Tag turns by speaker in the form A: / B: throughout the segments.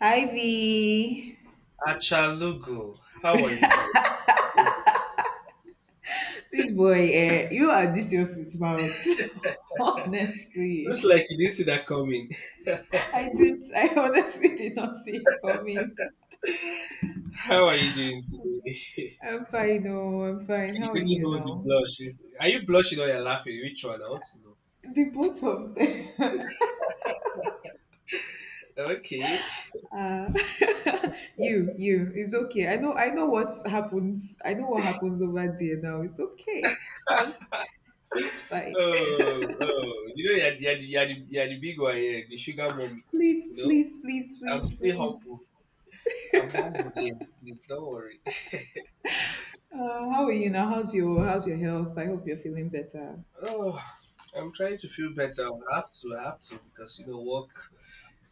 A: Ivy,
B: Achalugu, how are you doing?
A: this boy, eh, you are this your sweet mouth.
B: Looks
A: Honestly,
B: like you didn't see that coming.
A: I didn't. I honestly did not see it coming.
B: How are you doing today?
A: I'm fine. Oh, I'm fine.
B: You
A: How are
B: couldn't
A: you
B: hold the
A: now?
B: blush. Are you blushing or you're laughing? Which one? I want to know.
A: The both of them.
B: Okay.
A: Uh, you. It's okay. I know. I know what happens. I know what happens over there now. It's okay. It's fine. It's fine.
B: Oh, oh. You know, you're, the- you're, the, you're the big one here, the sugar mommy. You
A: Please,
B: know,
A: please, please,
B: I'm
A: please,
B: still humble.
A: please.
B: I'm humble here. Please don't worry.
A: How are you now? How's your health? I hope you're feeling better.
B: Oh, I'm trying to feel better. I have to, because, work.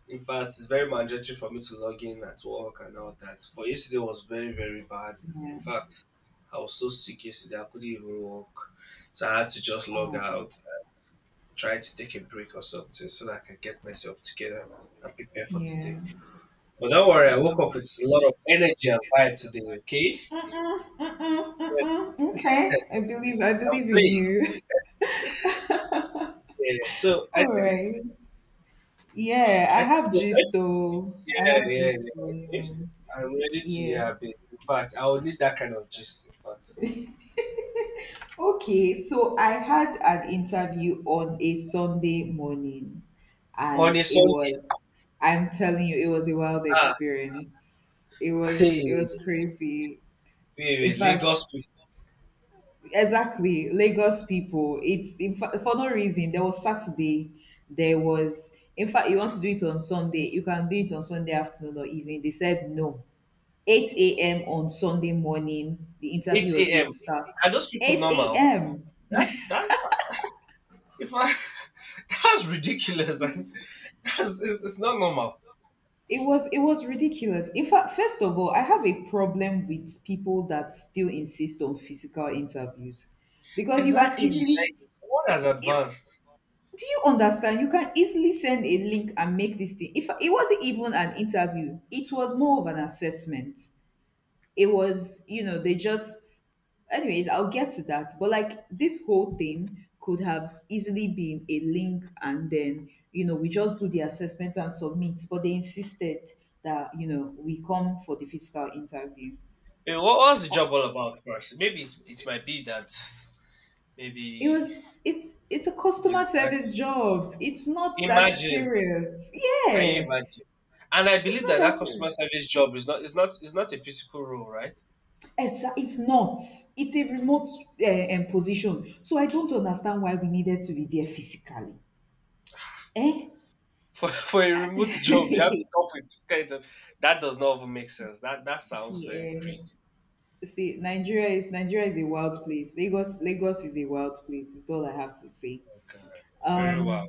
B: In fact, it's very mandatory for me to log in at work and all that. But yesterday was very, very bad. In
A: Yeah.
B: fact, I was so sick yesterday, I couldn't even walk. So I had to just log
A: Um,
B: out, try to take a break or something so that I can get myself together and prepare for today.
A: yeah.
B: But don't worry, I woke
A: Um,
B: up with a lot of energy and vibe today, okay? Yes,
A: okay. I believe I
B: I'll
A: believe in
B: play.
A: you.
B: Yeah, so I
A: All
B: think,
A: right. Yeah,
B: I
A: I
B: think
A: have
B: we're good.
A: gist though. I
B: Yeah,
A: have
B: yeah,
A: gist for
B: yeah. Okay.
A: you.
B: I'm ready to
A: Yeah.
B: hear a bit. In fact, I will need that kind of gist, in fact
A: Okay. So I had an interview on a Sunday morning,
B: on
A: and
B: a
A: it
B: Sunday.
A: was. I'm telling you, it was a wild
B: Ah,
A: experience. It was. It
B: hey,
A: was crazy.
B: wait,
A: In
B: wait,
A: fact,
B: Lagos people,
A: exactly, Lagos people. It's in fact for no reason. There was Saturday. There was, in fact, you want to do it on Sunday. You can do it on Sunday afternoon or evening. They said no. Eight a.m. on Sunday morning, the interview was
B: 8
A: going
B: a.m.
A: to start.
B: Are those people
A: Eight
B: normal?
A: a.m.
B: That, that, if I, That's ridiculous. And it's not normal.
A: It was ridiculous. In fact, first of all, I have a problem with people that still insist on physical interviews because you can
B: Exactly.
A: easily
B: Like, what has
A: you
B: advanced?
A: do you understand? You can easily send a link and make this thing. If it wasn't even an interview, it was more of an assessment. It was, you know, anyways, I'll get to that. But like this whole thing could have easily been a link and then, you know, we just do the assessment and submit. But they insisted that, you know, we come for the physical interview.
B: Wait, what was the job all about first? Maybe it might be that maybe
A: It's a
B: they
A: customer
B: require-
A: service job. It's not that
B: imagine.
A: serious.
B: Can you
A: Yeah.
B: imagine? And I
A: It's
B: believe
A: not
B: that
A: that
B: that customer
A: serious.
B: service job is not is not a physical role, right?
A: Exa it's not. It's a remote position. So I don't understand why we needed to be there physically. Eh?
B: For for a remote job, you have to come up with this kind of that does not even make sense. That sounds very
A: see, um,
B: crazy.
A: see, Nigeria is a wild place. Lagos is a wild place. It's all I have to say.
B: Oh, God. Very wow.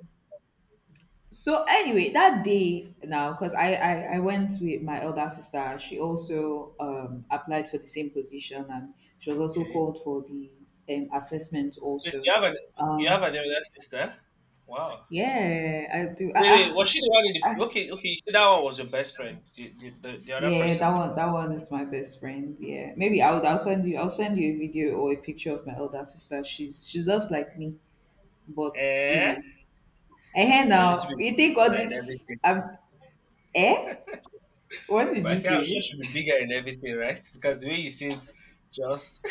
A: So anyway, that day now, because I went with my elder sister. She also applied for the same position, and she was also
B: Okay.
A: called for the assessment
B: Wait,
A: also.
B: you have an you have
A: Um,
B: an elder sister? Wow.
A: yeah, I do.
B: Wait, wait, was she the one in
A: Ah,
B: the okay, okay, you said that one was your best friend. The other
A: Yeah,
B: person
A: that
B: in the,
A: one that one is my best friend. Yeah. Maybe I'll send you a video or a picture of my elder sister. She's just like me, but you
B: eh?
A: know.
B: But a little
A: Now,
B: bit
A: you think all
B: bigger and
A: this
B: everything.
A: eh? What did
B: But I
A: you
B: say I'm sure
A: say?
B: she'll be bigger and everything, right? Because the way you said just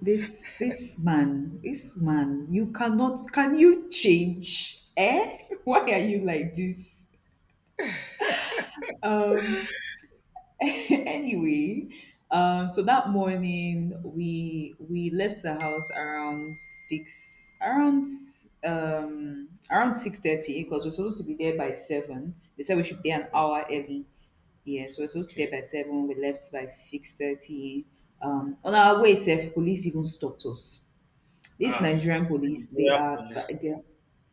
A: This man, you cannot can you change? Eh? Why are you like this? Um anyway, so that morning we left the house around six, around 6:30 because we're supposed to be there by seven. They said we should be an
B: okay,
A: hour early. Yeah, so we're supposed to be
B: okay.
A: there by seven. We left by 6:30. On our way, self police even stopped us. These
B: Ah,
A: Nigerian police, they
B: Nigerian
A: are
B: police.
A: they are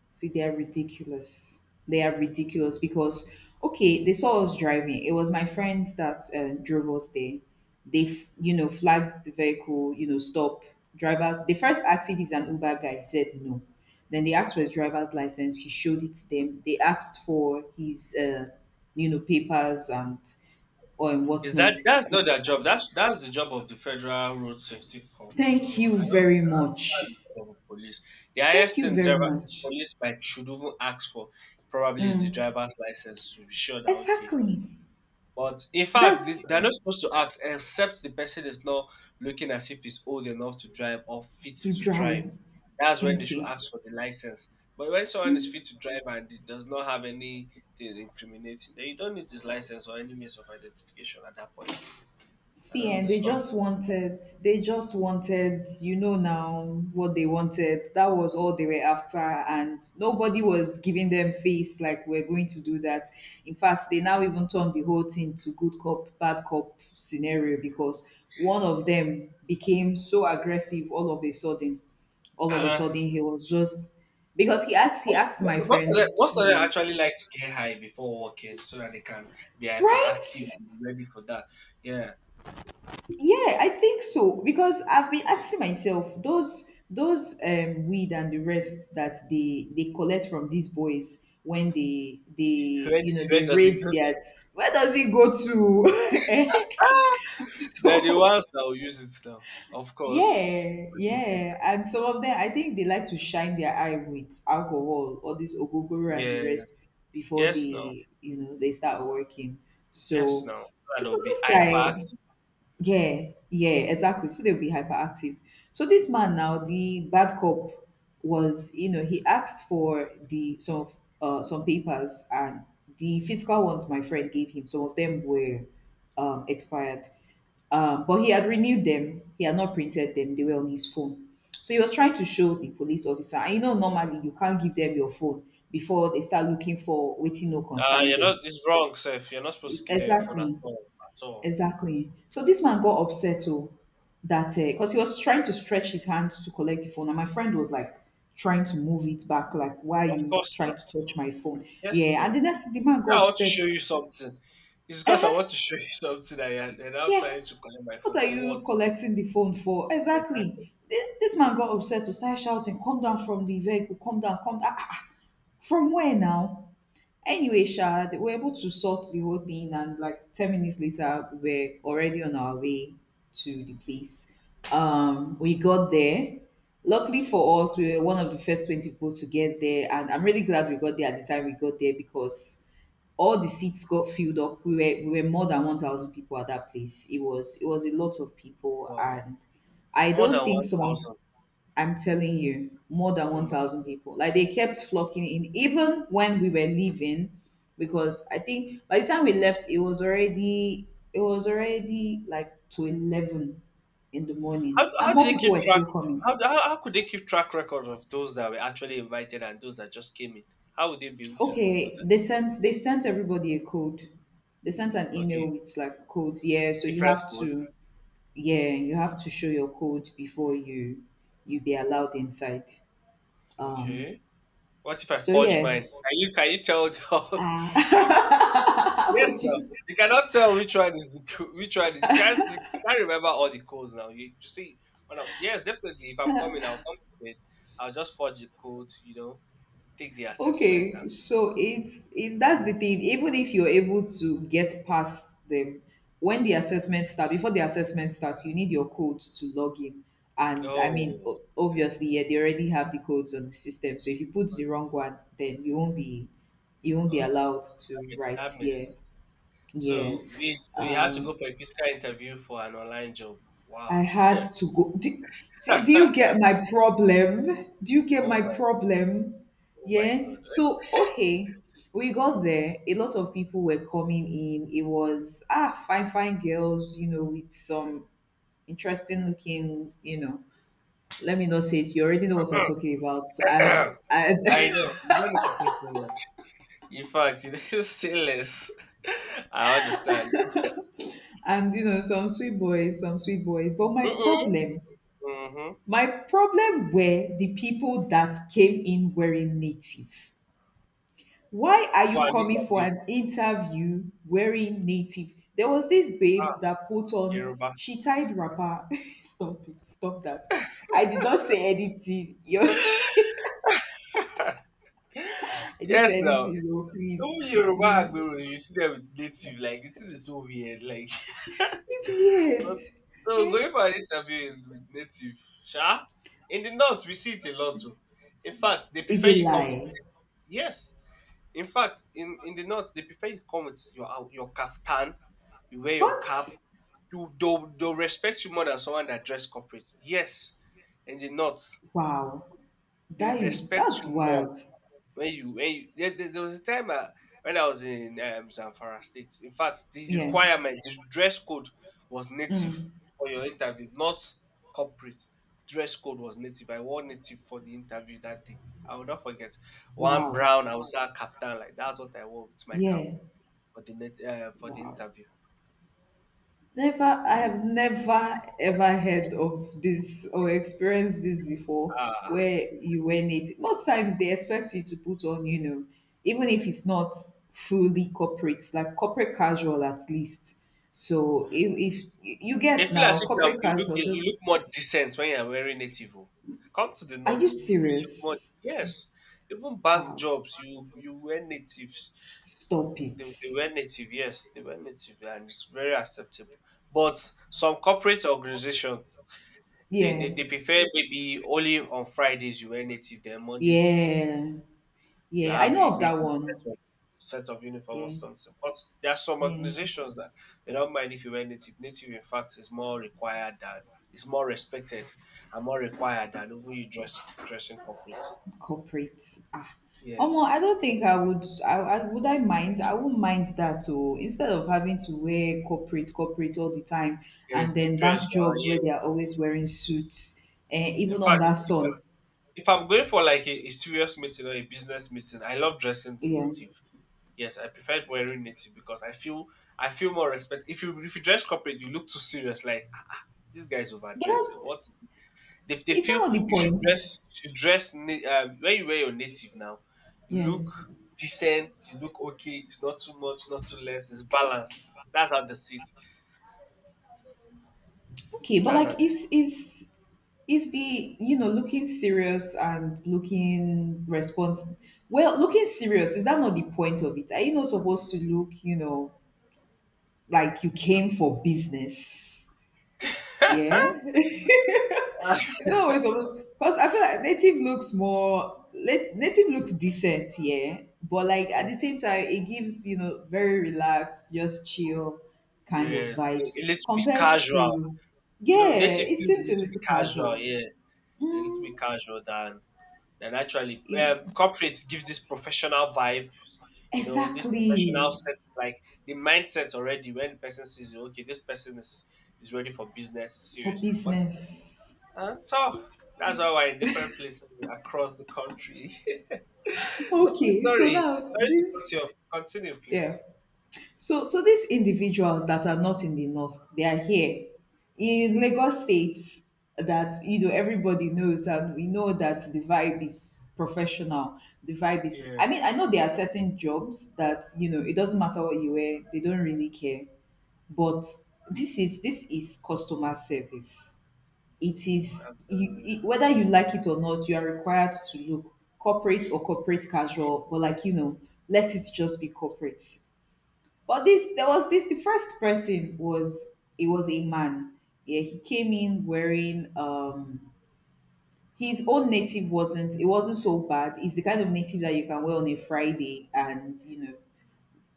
A: see, they are ridiculous. They are ridiculous because, okay, they saw us driving. It was my friend that drove us there. They, you know, flagged the vehicle, you know, stop. Drivers, they first asked if he's an Uber guy. He said no. Then they asked for his driver's license. He showed it to them. They asked for his, you know, papers and or and
B: Is that
A: whatnot.
B: That's not their job? That's the job of the Federal Road Safety Corps. So
A: Thank
B: I
A: you
B: don't
A: very
B: think that's
A: much.
B: the job of the police. The
A: Thank
B: highest
A: you
B: thing
A: very
B: driver
A: much.
B: police might should even ask for probably is the driver's license to be sure that okay.
A: Exactly.
B: But in fact, they,
A: That's
B: they're not supposed to ask except the person is not looking as if he's old enough to drive or fit
A: to
B: to drive.
A: drive.
B: That's when they
A: Thank
B: should
A: you.
B: ask for the license. But when someone is fit to drive and it does not have anything incriminating, then you don't need this license or any means of identification at that point. I
A: See,
B: don't know
A: and
B: this country.
A: they just wanted, you know, now what they wanted. That was all they were after, and nobody was giving them face like we're going to do that. In fact, they now even turned the whole thing to good cop, bad cop scenario because one of them became so aggressive all of a sudden. All of a
B: Uh,
A: sudden, he was just he
B: most,
A: asked
B: most,
A: my friend
B: most of them
A: to,
B: actually like to get high before working so that they can be hyperactive
A: right?
B: and be ready for that. Yeah,
A: Yeah, I think so because I've been asking myself those weed and the rest that they collect from these boys when they
B: where,
A: you know they
B: where does it
A: raid
B: go to?
A: their where does it go to?
B: Ah, they're the
A: So
B: ones that will use it now, of course.
A: yeah,
B: What do you think?
A: yeah, and some of them I think they like to shine their eye with alcohol or this ogogoro and the
B: Yes,
A: rest before
B: yes, no,
A: they you know they start working.
B: yes,
A: So
B: no. So that
A: so
B: will be
A: this guy
B: hyperactive.
A: yeah, yeah, exactly. So they'll be hyperactive. So this man now, the bad cop, was you know he asked for the some papers and the physical ones my friend gave him. Some of them were expired, but he had renewed them. He had not printed them. They were on his phone. So he was trying to show the police officer. And you know, normally you can't give them your phone before they start looking for waiting no consign
B: You're
A: them.
B: not. It's wrong, sir. You're not supposed to give them your phone at
A: Exactly.
B: all. At all.
A: Exactly. So this man got upset too that because he was trying to stretch his hand to collect the phone, and my friend was like trying to move it back, like, why are
B: Of
A: you
B: course,
A: trying
B: no.
A: to touch my phone?
B: Yes,
A: Yeah, and
B: no.
A: the man
B: Yeah,
A: got
B: I want to
A: upset.
B: show you something. It's because I
A: Eh,
B: want to show you something I had, and I'm
A: yeah,
B: trying to collect my phone
A: what are
B: for
A: you
B: what
A: collecting the phone for?
B: exactly?
A: Exactly. This man got upset to start shouting, come down from the vehicle, come down, come down. Ah, ah, ah. From where now? Anyway, Sha, they were able to sort the whole thing, and like 10 minutes later, we were already on our way to the place. We got there. Luckily for us, we were one of the first 20 people to get there, and I'm really glad we got there at the time we got there because all the seats got filled up. We were more than 1,000 people at that place. It was a lot of people,
B: Wow,
A: and I
B: more
A: don't
B: than
A: think
B: one
A: someone
B: thousand.
A: I'm telling you, more than
B: Oh my!
A: 1,000 people. Like they kept flocking in, even when we were leaving, because I think by the time we left, it was already like to 11 in the
B: How,
A: morning, and
B: how do
A: more
B: they
A: people
B: keep
A: were
B: track?
A: still coming.
B: How could they keep track record of those that were actually invited and those that just came in? How would they be able to even do
A: Okay,
B: that?
A: they sent everybody a code. They sent an email
B: Okay,
A: with like codes. Yeah, so you
B: different
A: have
B: votes.
A: to yeah you have to show your code before you be allowed inside.
B: Okay, what if I
A: So
B: forge
A: yeah,
B: mine? Can you tell?
A: ah,
B: Yes,
A: would
B: now
A: you?
B: you cannot tell which one is co- which one is you can't see, you can't remember all the codes now. You see, yes, definitely. If I'm coming, I'll come prepared. I'll just forge the code, take the assessment. And,
A: Okay, so it's that's the thing. Even if you're able to get past them, when the assessment start, before the assessment starts, you need your codes to log in. And I mean,
B: oh, okay,
A: obviously, yeah, they already have the codes on the system. So if you put the wrong
B: okay,
A: one, then you won't be
B: okay.
A: allowed
B: That
A: to
B: makes, that
A: write.
B: makes
A: Yeah,
B: sense.
A: yeah.
B: So you had to go
A: Um,
B: for a physical interview for an online job.
A: I
B: Wow.
A: had to go. See, do you get my problem? Do you get
B: oh
A: my
B: my,
A: problem?
B: oh my
A: Yeah.
B: God.
A: So, okay, we got there. A lot of people were coming in. It was, ah, fine, fine girls, you know, with some interesting looking, you know, let me not say it. You already know what I'm talking about.
B: I know you don't need to say so much. In fact, you don't say less. I understand.
A: And, you know, some sweet boys, some sweet boys. But
B: Mm-mm. Mm-hmm.
A: my problem were the people that came in wearing native. Why are you
B: Fulani
A: coming for
B: Kabir.
A: an interview wearing native? There was this babe
B: Ah,
A: that put on,
B: Yoruba.
A: she tied wrapper. Stop it, stop that. I did not say anything. Yo, I didn't
B: Yes,
A: say
B: now.
A: anything, no,
B: Even
A: please,
B: Yoruba
A: please.
B: Agberos, you see them native, like, it is so weird. Like,
A: It's weird.
B: so so
A: Eh?
B: going for an interview with native, sha? In the north, we see it a lot. Oh. In fact, they
A: It's
B: prefer
A: a
B: you come with,
A: lie.
B: yes. In fact, in the north, they prefer you come with your kaftan, you wear your cap.
A: What?
B: They'll respect you more than someone that dress corporate. Yes. In the north,
A: Wow.
B: they
A: That is,
B: respect
A: that's
B: you more.
A: wild.
B: There was a time, when I was in Zamfara State. In fact, the
A: Yeah.
B: requirement, the dress code was native
A: Mm.
B: for your interview, not corporate. Dress code was native. I wore native for the interview that day. I will not forget. One
A: Wow.
B: brown, I was a kaftan like that's what I wore with my cap
A: Yeah.
B: for the
A: Wow.
B: interview.
A: Never, I have never ever heard of this or experienced this before
B: Ah,
A: where you wear native. Most times they expect you to put on, you know, even if it's not fully corporate, like corporate casual at least. So if you
B: They
A: get
B: feel
A: now
B: as if
A: corporate
B: you look
A: casual,
B: you look
A: just
B: more decent when you're wearing native. Oh. Come to the
A: are you
B: north, you will look more
A: serious?
B: yes. Even bank
A: Wow,
B: jobs, you wear natives.
A: stop it.
B: They wear native, yes, they wear native, and it's very acceptable. But some corporate organization, they, they,
A: Yeah,
B: they prefer maybe only on Fridays you wear native, then Monday to
A: yeah,
B: you
A: yeah. I
B: have a
A: know of
B: maybe
A: that
B: a
A: one.
B: set of uniform or
A: Yeah,
B: something. But there are some
A: yeah.
B: organizations that they don't mind if you wear native. Native in fact is more required than it's more respected and more required than even you dress dressing corporate.
A: Corporate. Ah, Omo, I
B: Yes.
A: don't think I would. I would I mind. I wouldn't mind that. Oh, instead of having to wear corporate, corporate all the time,
B: Yes,
A: and
B: it's
A: then bank
B: stress, man.
A: jobs
B: Yeah.
A: where they are always wearing suits, eh,
B: In
A: even
B: fact,
A: under sun.
B: if I'm going for like a serious meeting or a business meeting, I love dressing in
A: Yeah,
B: native. Yes, I prefer wearing native because I feel more respect. If you dress corporate, you look too serious. Like, "Ah, this guy's
A: but that's
B: overdressing. What is they
A: it's
B: feel
A: not the point.
B: you should dress na- when you wear your native now. You
A: Yeah.
B: look decent. You look okay. It's not too much, not too less. It's balanced. That's how they see it.
A: Okay, but
B: That's how
A: like,
B: they see
A: is the you know looking serious and looking response? Well, looking serious is that not the point of it? Are you not supposed to look, you know, like you came for business. Yeah. It's not always supposed because I feel like native looks more native looks decent, yeah. But like
B: it.
A: at
B: Mm.
A: the same time, it gives, you know, very relaxed, just chill kind of
B: Yeah, a
A: vibes
B: little bit
A: compared
B: casual.
A: to yeah,
B: Native
A: it
B: feels a
A: seems a
B: little
A: little
B: bit casual.
A: casual.
B: Yeah, a little
A: Mm,
B: bit casual than actually.
A: yeah.
B: Corporate gives this professional vibe. This professional
A: Exactly.
B: sense, like the mindset already when the person sees you. Okay, this person is ready for business. Is
A: For
B: serious, but
A: business.
B: Tough. That's why we're in different places across the country. so please,
A: Okay, so
B: sorry,
A: now
B: sorry to cut
A: this
B: you off. Continue,
A: yeah.
B: please.
A: So, so these individuals that are not in the north, they are here in Lagos State. That, you know, everybody knows, and we know that the vibe is professional. The vibe is,
B: Yeah.
A: I mean, I know there are certain jobs that, you know, it doesn't matter what you wear; they don't really care. But this is customer service. It is
B: I'm telling
A: you,
B: you.
A: whether you like it or not, you are required to look corporate or corporate casual, but, like, you know, let it just be corporate. But this there was this the first person was it was a man. Yeah, he came in wearing his own native. Wasn't it wasn't so bad. It's the kind of native that you can wear on a Friday, and, you know,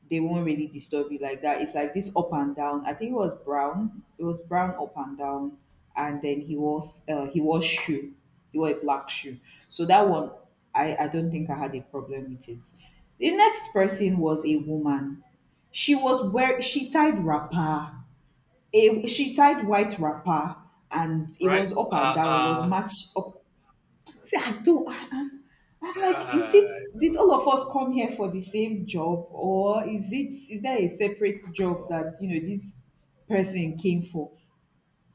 A: they won't really disturb you like that. It's like this up and down. I think it was brown. It was brown up and down, and then he was, he wore shoe. He wore a black shoe. So that one, I don't think I had a problem with it. The next
B: Okay.
A: person was a woman. She was wear She tied wrapper. A, she tied white wrapper, and it
B: Right.
A: was up and down. It was matched up. See, I don't. I'm like, is
B: Kai.
A: it?
B: No.
A: Did all of us come here for the same job, or is it? Is there a separate job
B: Oh,
A: that, you know, this person came for?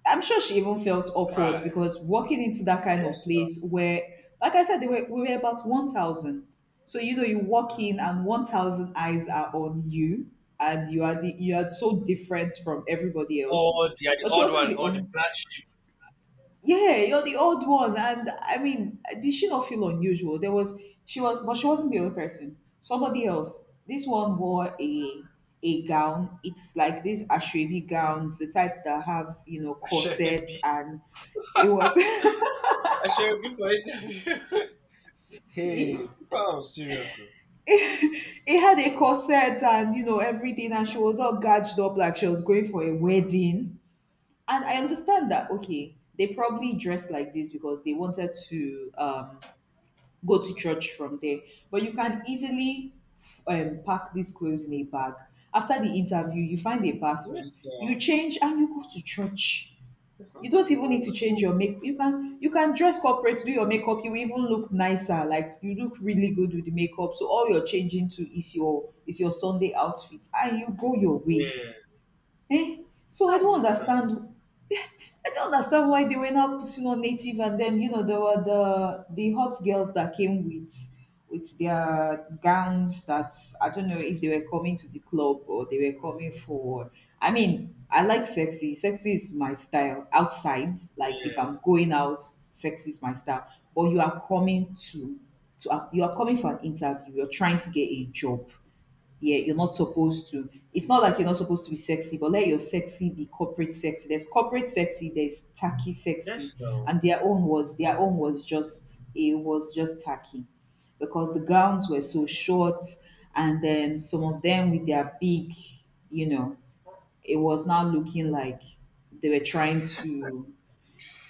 A: I'm sure she even felt awkward,
B: Kai.
A: because walking into that kind of
B: Yes. Sir.
A: place where, like I said, they were, we were about 1,000. So, you know, you walk in and 1,000 eyes are on you, and you are so different from everybody else.
B: Oh, the
A: But she
B: odd
A: wasn't
B: one,
A: the
B: or the
A: only,
B: black sheep.
A: yeah, you're the odd one. And I mean, did she not feel unusual? There was she wasn't the only person. Somebody else, this one wore a gown. It's like these ashravi gowns, the type that have, you know,
B: I should
A: corsets.
B: be.
A: And it was
B: I should be for interview.
A: see
B: hey, people are serious. Oh.
A: it had a corset, and, you know, everything, and she was all gadged up like she was going for a wedding. And I
B: Hmm.
A: understand that, okay, they probably dressed like this because they wanted to go to church from there. But you can easily pack these clothes in a bag. After the interview, you find a bathroom,
B: Yes.
A: you
B: No.
A: change, and you go to church.
B: It's not.
A: You don't
B: It's
A: even need
B: not.
A: to
B: It's
A: change
B: not.
A: your make. You can dress corporate, do your makeup. You even look nicer. Like, you look really good with the makeup. So all you're changing to is your Sunday outfit, and you go your way.
B: Yeah.
A: Eh? So I
B: That's it,
A: don't
B: sir.
A: understand I don't understand why they were not putting on native. And then, you know, there were the hot girls that came with their gowns that I don't know if they were coming to the club or they were coming for. I mean, I like sexy. Sexy is my style outside. Like, if I'm
B: Yes.
A: going out, sexy is my style. But you are coming to you are coming for an interview, you're trying to get a job, yeah, you're not supposed to. It's not like you're not supposed to be sexy, but let your sexy be corporate sexy. There's corporate sexy, there's tacky sexy,
B: Yes. No.
A: and their own was just tacky, because the gowns were so short, and then some of them with their big, you know, it was now looking like they were trying to.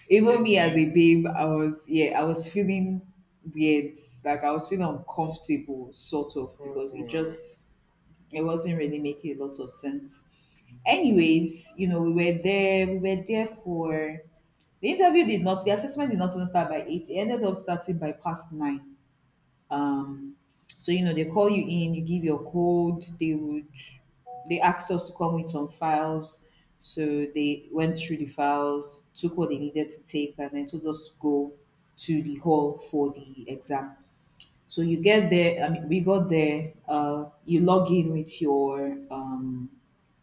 A: Even me as
B: Seduce.
A: a babe, I was, yeah, I was feeling weird. Like, I was feeling uncomfortable, sort of, because it
B: Hmm.
A: just it wasn't really making a lot of sense. Anyways, you know, we were there for the interview. Did not The assessment did not even start by eight. It ended up starting by past nine. Um, so, you know, they call you in, you give your code. They asked us to come with some files. So they went through the files, took what they needed to take, and then told us to go to the hall for the exam. So you get there. I mean, we got there. You log in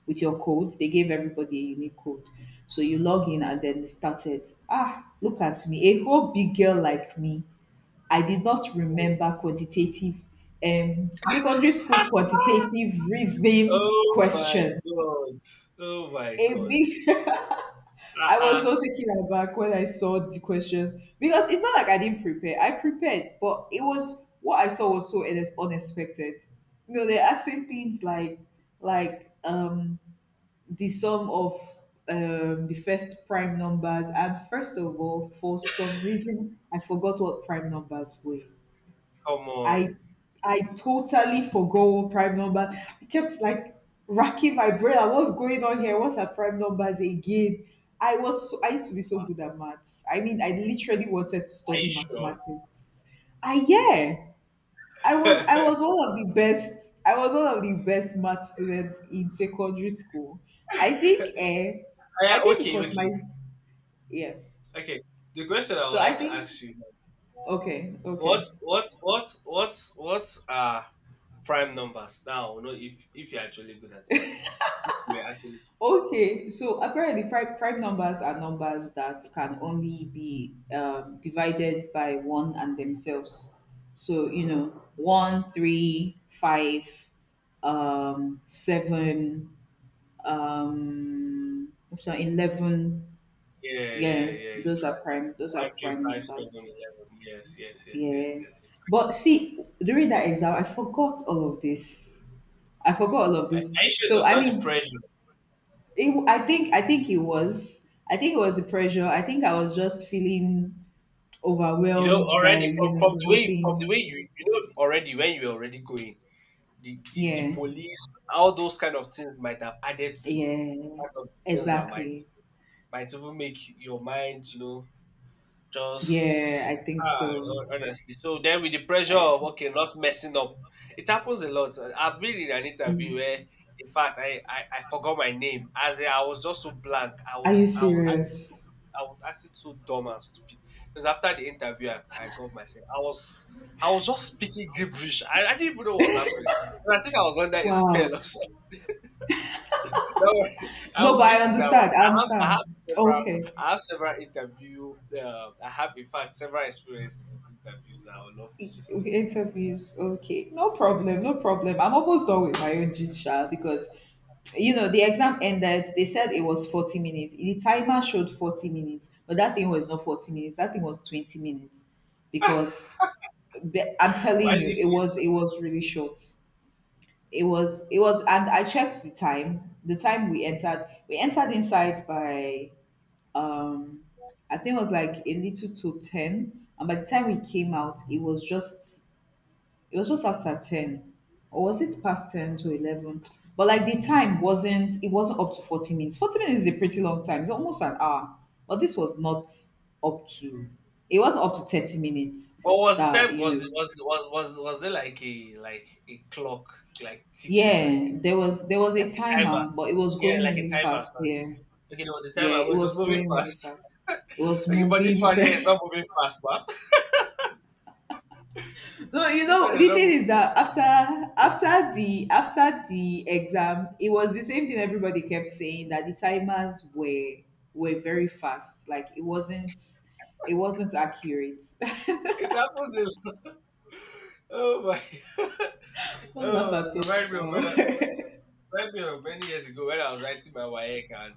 A: with your code. They gave everybody a unique code. So you log in, and then they started. Ah, look at me, a whole big girl like me. I did not remember quantitative, secondary school quantitative reasoning
B: Oh my
A: question.
B: god. Oh my
A: A
B: god.
A: big, I was
B: Uh-uh.
A: so taken aback when I saw the questions, because it's not like I didn't prepare. I prepared, but it was what I saw was so unexpected. You know, they're asking things like, the sum of, the first prime numbers. And first of all, for some reason, I forgot what prime numbers were.
B: Come
A: I
B: on.
A: I totally forgot what prime number. I kept like racking my brain. Like, what's going on here? What are prime numbers again? I was so, I used to be so
B: Are
A: good at maths. I mean, I literally wanted to study
B: you sure?
A: mathematics. I, yeah, I was I
B: yeah,
A: was one of the best. I was one of the best math students in secondary school. I think, eh, I think
B: okay,
A: because my,
B: okay.
A: yeah.
B: Okay. The question I
A: So
B: would
A: I
B: like to
A: think,
B: ask you,
A: okay,
B: what
A: okay.
B: what what what what are prime numbers? Now I know, if you're actually good at maths now. If you are actually
A: Okay, so apparently prime numbers are numbers that can only be divided by one and themselves. So, you know, one, three, five, seven, what's that, 11.
B: Yeah, yeah,
A: Yeah,
B: yeah, you try.
A: those are
B: One, three,
A: prime
B: five, seven,
A: numbers.
B: 11. Yes, yes, yes, yes,
A: Yeah.
B: yes, you
A: But see, during that exam, I forgot all of this. I forgot all of
B: try. I,
A: this.
B: I sure it
A: So,
B: was
A: I
B: not the
A: mean,
B: prayer.
A: it, I think it was, I think it was the pressure. I think I was just feeling
B: You know
A: overwhelmed by,
B: already
A: you know, the whole
B: from the
A: thing.
B: way you know already when you're already going, the
A: Yeah,
B: police, all those kind of things might have added to
A: yeah,
B: part of the things that might
A: exactly.
B: might even make your mind,
A: Yeah, I
B: just
A: think so.
B: honestly. So then with the pressure
A: I,
B: of okay, not messing up, it happens a lot. I've been in an interview
A: mm.
B: where in fact I forgot my name. As in, I was just so blank. I
A: Are you
B: was I was
A: serious?
B: I was acting so dumb and stupid. Because after the interview, I got myself. I was just speaking gibberish. I didn't even know what was happening. It was as I was under a
A: Wow.
B: spell or something. Don't worry,
A: No,
B: I'll
A: but I
B: just see that one.
A: understand. I understand.
B: Several
A: Okay.
B: I have several interview. I have in fact several experiences with interviews that I would love to just do.
A: Okay, interviews. Okay, no problem, no problem. I'm almost done with my own gist, sha, because you know, the exam ended. They said it was 40 minutes. The timer showed 40 minutes, but that thing was not 40 minutes. That thing was 20 minutes, because I'm
B: Why
A: telling
B: do
A: you,
B: you
A: it
B: say?
A: was, it was really short. It was. And I checked the time. The time we entered, we entered inside by, um I think it was like a little to 10, and by the time we came out, it was just after 10. Or was it past 10 to 11? But like, the time wasn't, it wasn't up to 40 minutes. 40 minutes is a pretty long time. It's almost an hour. But this was not up to, it wasn't up to 30 minutes.
B: But was the
A: That,
B: time
A: you
B: was the-
A: know,
B: was the- was there like a clock like ticking like
A: yeah, there was a
B: like a timer?
A: timer, but it was
B: Yeah,
A: going
B: like a
A: really
B: timer.
A: fast.
B: Sorry.
A: Yeah.
B: Okay, there was a
A: Yeah.
B: timer. It
A: It
B: was just
A: was
B: moving
A: going really
B: fast.
A: fast. It was
B: Okay, but this
A: moving
B: one here is not
A: very,
B: moving fast, but
A: no, you
B: this
A: know,
B: one is
A: the
B: not
A: thing
B: moving.
A: is that after the after the exam, it was the same thing. Everybody kept saying that the timers were very fast. Like, it wasn't accurate.
B: It happens in. Oh my.
A: Don't laugh
B: Oh,
A: at
B: remind
A: us
B: me of
A: now.
B: remind me of many years ago when I was writing my WAEC. And,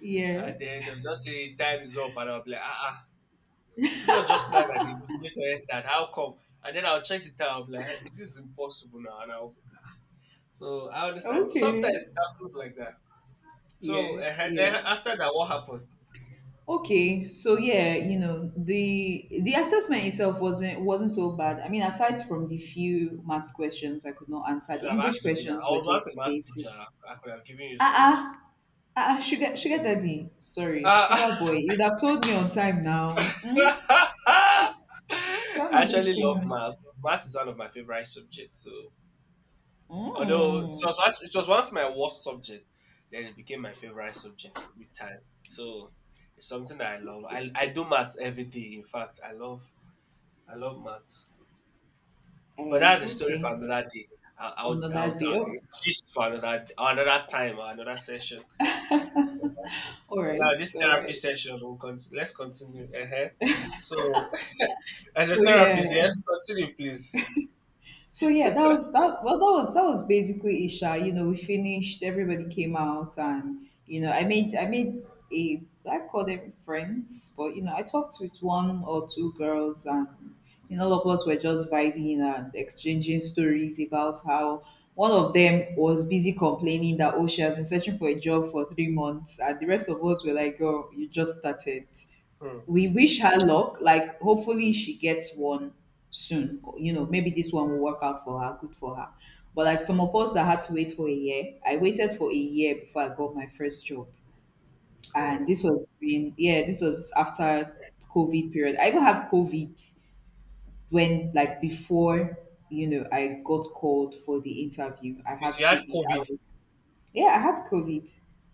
A: yeah.
B: and then they'll just say time is up and I'll be like, ah, ah. It's not just now that the later entered. How come? And then I'll check the time. I'll be like, "Hey, this is impossible now." And I'll, so I understand. Sometimes
A: Okay.
B: it happens like that. So
A: Yeah. Yeah.
B: then after that, what happened?
A: Okay. So yeah, you know, the assessment itself wasn't so bad. I mean, aside from the few maths questions I could not
B: You
A: answer, the
B: should have
A: English
B: asked me now.
A: questions
B: I
A: were
B: was once a
A: just
B: math
A: basic.
B: teacher. I could have given you some.
A: Uh-uh. Ah, ah, sugar, sugar daddy. Sorry,
B: Uh,
A: sugar boy. You'd have told me on time now. Hmm?
B: I
A: Tell me these
B: actually love
A: things.
B: maths. Maths is one of my favorite subjects. So, although it
A: Mm.
B: was it was once my worst subject, then it became my favorite subject with time. So, it's something that I love.
A: Okay.
B: I do maths every day. In fact, I love maths. But
A: Eh,
B: that's a story
A: okay.
B: for another day. I- I'll
A: Another
B: I'll,
A: day.
B: I'll
A: Oh,
B: just for another time or another session.
A: all
B: So
A: right.
B: now this
A: All
B: therapy
A: right.
B: session will continue. Let's continue. So as a
A: So yeah.
B: therapist, yes, continue, please.
A: So yeah, that was that. Well, that was basically Isha. You know, we finished. Everybody came out, and, you know, I made a, I call them friends, but, you know, I talked with one or two girls, and, you know, all of us were just vibing and exchanging stories about how one of them was busy complaining that, oh, she has been searching for a job for 3 months, and the rest of us were like, oh, you just started.
B: Hmm.
A: We wish her luck. Like, hopefully she gets one soon. You know, maybe this one will work out for her, good for her. But like, some of us that had to wait for a year, I waited for a year before I got my first job. And
B: Oh.
A: this was during, yeah, this was after COVID period. I even had COVID when, like, before, you know, I got called for the interview. I had
B: If you had
A: COVID. I
B: COVID,
A: was, yeah, I had COVID.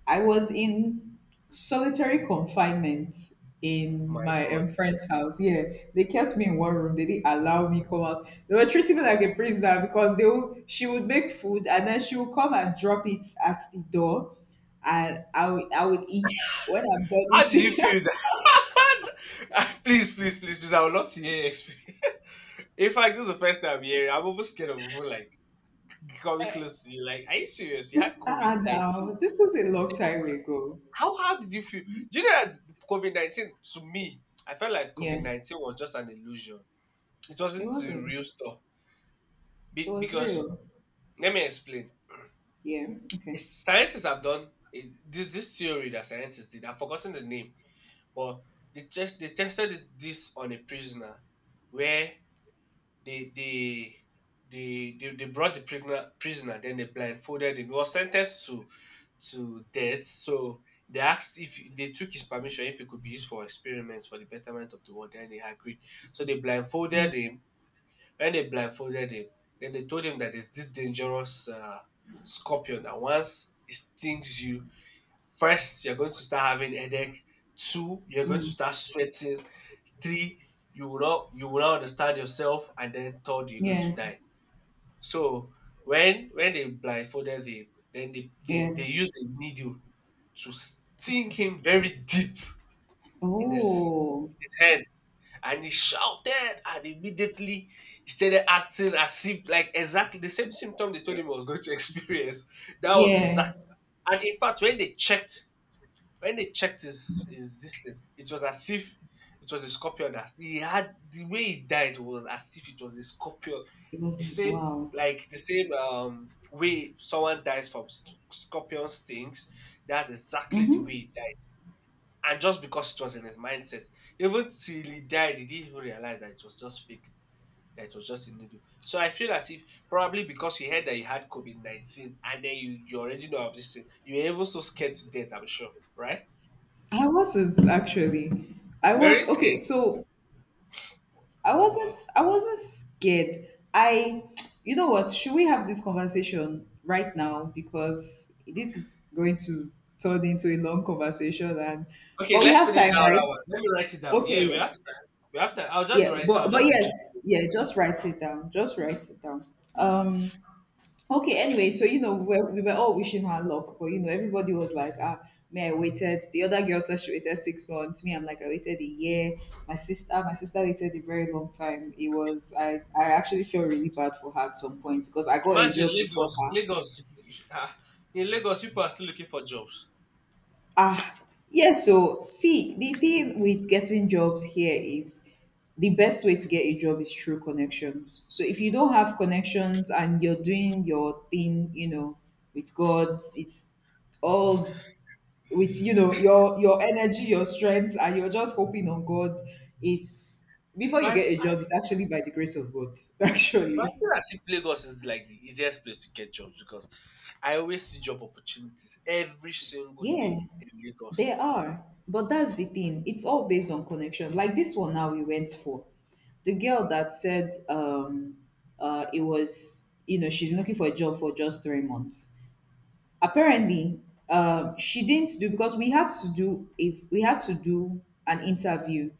A: I was in solitary confinement in
B: my
A: my
B: God,
A: friend's house. Yeah, they kept me in one room. They didn't allow me come out. They were treating me like a prisoner, because they would, she would make food, and then she would come and drop it at the door, and I would eat when I'm done
B: how did you
A: eating.
B: feel? That? Please, please, please, please. I would love to hear your experience. In fact, this is the first time I'm hearing. I'm almost scared of people like coming close to you. Like, are you serious? You had COVID
A: Ah,
B: 19.
A: now this was a long time ago.
B: How did you feel? Do you know that COVID 19 to me? I felt like COVID
A: Yeah,
B: 19 was just an illusion. It
A: it
B: wasn't the
A: wasn't.
B: real stuff.
A: It
B: Be-
A: was
B: because
A: real.
B: let me explain.
A: Yeah. Okay.
B: It's scientists have done it, this theory that scientists did. I've forgotten the name, but they tested this on a prisoner, where they they they brought the prisoner, then they blindfolded him. He was sentenced to death, so they asked if he- they took his permission if it could be used for experiments for the betterment of the world, and he agreed. So they blindfolded
A: Mm,
B: him. when they blindfolded him, then they told him that there's this dangerous scorpion that once it stings you, first you're going to start having headache. Two, you're going to
A: mm.
B: start sweating. Three, you will not understand yourself, and then third, you're going to
A: Yeah.
B: die. So when they blindfolded him, then they they,
A: Yeah.
B: they used a needle to sting him very deep in his
A: Oh,
B: tense, and he shouted, and immediately he started acting as if like exactly the same symptom they told
A: eh,
B: him he was going to experience. That was
A: yeah.
B: exact. And in fact, when they checked his this thing, it was as if it was a scorpion that he had. The way he died was as if it was a scorpion.
A: It was
B: The
A: like,
B: same,
A: wow.
B: like the same way someone dies from scorpion stings, that's exactly the way
A: Mm-hmm.
B: he died. And just because it was in his mindset, even till he died, he didn't even realize that it was just fake, that it was just a needle. So I feel as if probably because you heard that you had COVID 19 and then you already know of this thing, you were even so scared to death, I'm sure, right?
A: I wasn't actually. I
B: You're very
A: was okay.
B: scared.
A: So
B: Wow.
A: I wasn't scared. I. You know what? Should we have this conversation right now, because this is going to turn into a long conversation, and
B: Okay,
A: but we
B: let's
A: have
B: finish
A: time,
B: that
A: right?
B: other one. Let me write it down. Yeah,
A: Okay.
B: we
A: Yeah.
B: have time. We have time. I'll just
A: Yeah.
B: be right. I'll
A: But
B: just be
A: yes.
B: just.
A: Yeah. Just write it down. Just write it down. Um. Okay, anyway, so we were all wishing her luck, but everybody was like, ah, me, I waited. The other girl said she waited 6 months. Me, I'm like, I waited a year. My sister waited a very long time. I actually felt really bad for her at some point, because I got a
B: Imagine
A: job before
B: Lagos.
A: her.
B: Lagos. Ah, in Lagos, people are still looking for jobs.
A: Ah, yeah, so see, the thing with getting jobs here is the best way to get a job is through connections. So if you don't have connections and you're doing your thing, with God, it's all with your energy, your strength, and you're just hoping on God. It's Before you
B: But
A: get a
B: I
A: job, it's actually by the grace of God.
B: But I
A: Actually,
B: feel as if Lagos is like the easiest place to get jobs because I always see job opportunities every single
A: yeah,
B: day in Lagos.
A: there are, but that's the thing. It's all based on connection. Like, this one now, we went for the girl that said it was you know she's looking for a job for just 3 months, apparently. She didn't do because we had to do if we had to do an interview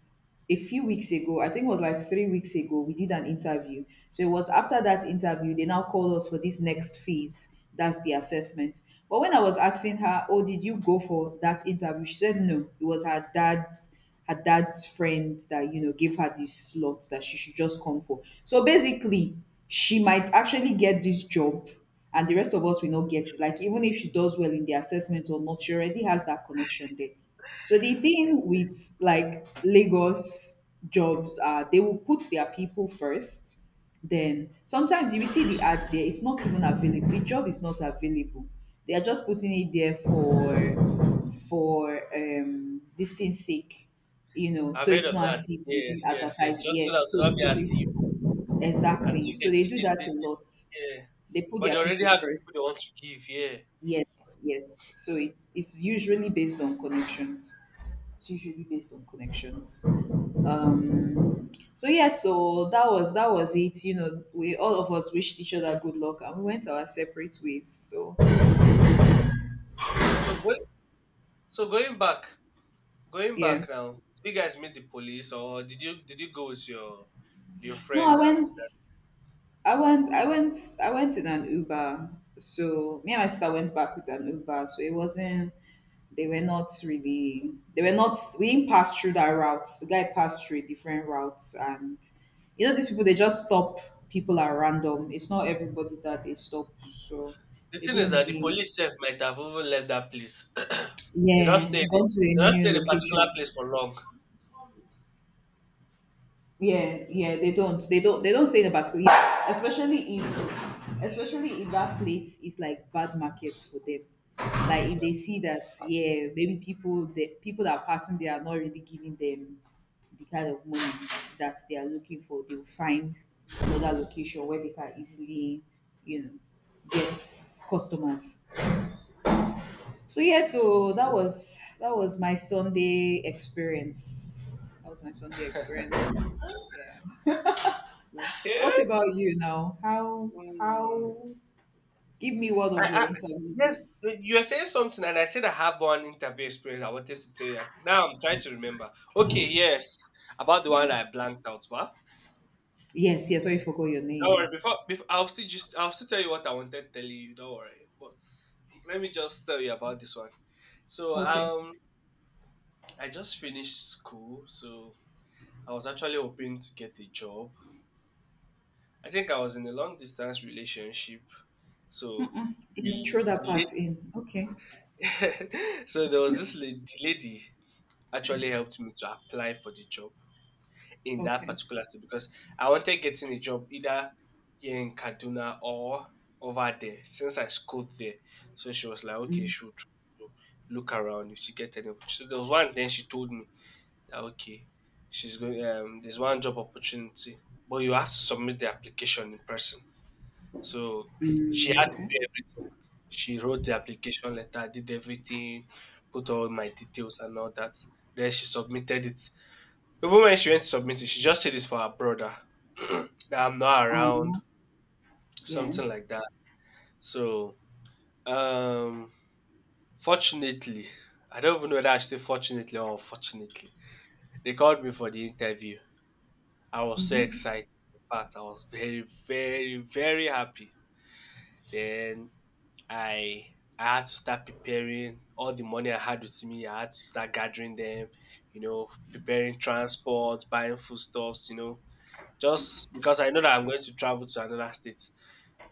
A: a few weeks ago. I think it was like 3 weeks ago. We did an interview. So it was after that interview they now called us for this next phase, that's the assessment. But when I was asking her, oh, did you go for that interview, she said no, it was her dad's, friend that gave her this slot, that she should just come for. So basically, she might actually get this job, and the rest of us will not get it. Like, even if she does well in the assessment or not, she already has that connection there. So the thing with, like, Lagos jobs are, they will put their people first. Then sometimes you will see the ads there, it's not even available. The job is not available. They are just putting it there for this thing's sake. You know,
B: I've
A: so
B: heard
A: it's
B: of
A: not as
B: that.
A: if they did
B: Yes, yes,
A: advertise
B: yes.
A: it.
B: Just so that
A: Yes,
B: it will
A: so
B: not be
A: so they,
B: as
A: exactly.
B: if
A: So
B: they
A: they
B: need,
A: do that
B: they,
A: a lot.
B: yeah.
A: They put
B: But
A: their
B: they already
A: people
B: have the people
A: first.
B: they want to give, yeah.
A: Yes, yes. So it's usually based on connections. It's usually based on connections. So yeah, so that was it. We all of us wished each other good luck, and we went our separate ways. So
B: So going going
A: yeah.
B: back now. Did you guys meet the police, or did you go with your
A: No,
B: friend? That
A: I went, I went, I went in an Uber. So me and my sister went back with an Uber. So it wasn't They were not really, they were not, we didn't pass through that route. The guy passed through a different route. And, these people, they just stop people at random. It's not everybody that they stop. So
B: the
A: they
B: thing is
A: didn't
B: that the
A: really,
B: police self might have even left that place. They don't
A: yeah,
B: stay in,
A: gone to a
B: they don't stay
A: new
B: in a particular
A: location.
B: place for long.
A: Yeah, yeah, they don't. Say in a particular. Yeah, especially if that place is like bad market for them. Like
B: Yes.
A: if they see that, yeah, maybe people the people that are passing, they are not really giving them the kind of money that they are looking for. They'll find another location where they can easily, you know, get customers. So yeah, so that
B: Okay.
A: was that was my Sunday experience. That was my Sunday experience. Yeah. What about you now? How
B: Hmm.
A: how give me one
B: I,
A: of your
B: I, yes,
A: interviews.
B: you are saying something, and I said I have one interview experience. I wanted to tell you. Now I'm trying to remember. Okay, yes, about the
A: Yeah.
B: one I blanked out. But
A: Yes, yes, I forgot your
B: don't worry.
A: name.
B: Before I'll still tell you what I wanted to tell you. Don't worry. But s- Let me just tell you about this one. So
A: Okay.
B: I just finished school, so I was actually hoping to get a job. I think I was in a long distance relationship, so
A: Mm-mm. Yes, throw that
B: the
A: part in. Okay.
B: so there was this lady actually helped me to apply for the job in that
A: Okay.
B: particular city, because I wanted getting a job either here in Kaduna or over there since I schooled there. So she was like, "Okay,
A: Mm,
B: she would try to look around if she get any opportunity." So there was one. Then she told me that okay, she's going. There's one job opportunity, but you have to submit the application in person. So
A: mm,
B: she had to
A: okay.
B: do everything. She wrote the application letter, did everything, put all my details and all that. Then she submitted it. Even when she went to submit it, she just said it's for her brother, that I'm not around,
A: Um, Yeah.
B: something like that. So, um, fortunately, I don't even know whether I should say fortunately or unfortunately, they called me for the interview. I was so excited. In fact, I was very, very, very happy. Then I I had to start preparing all the money I had with me. I had to start gathering them, you know, preparing transport, buying foodstuffs, you know, just because I know that I'm going to travel to another state.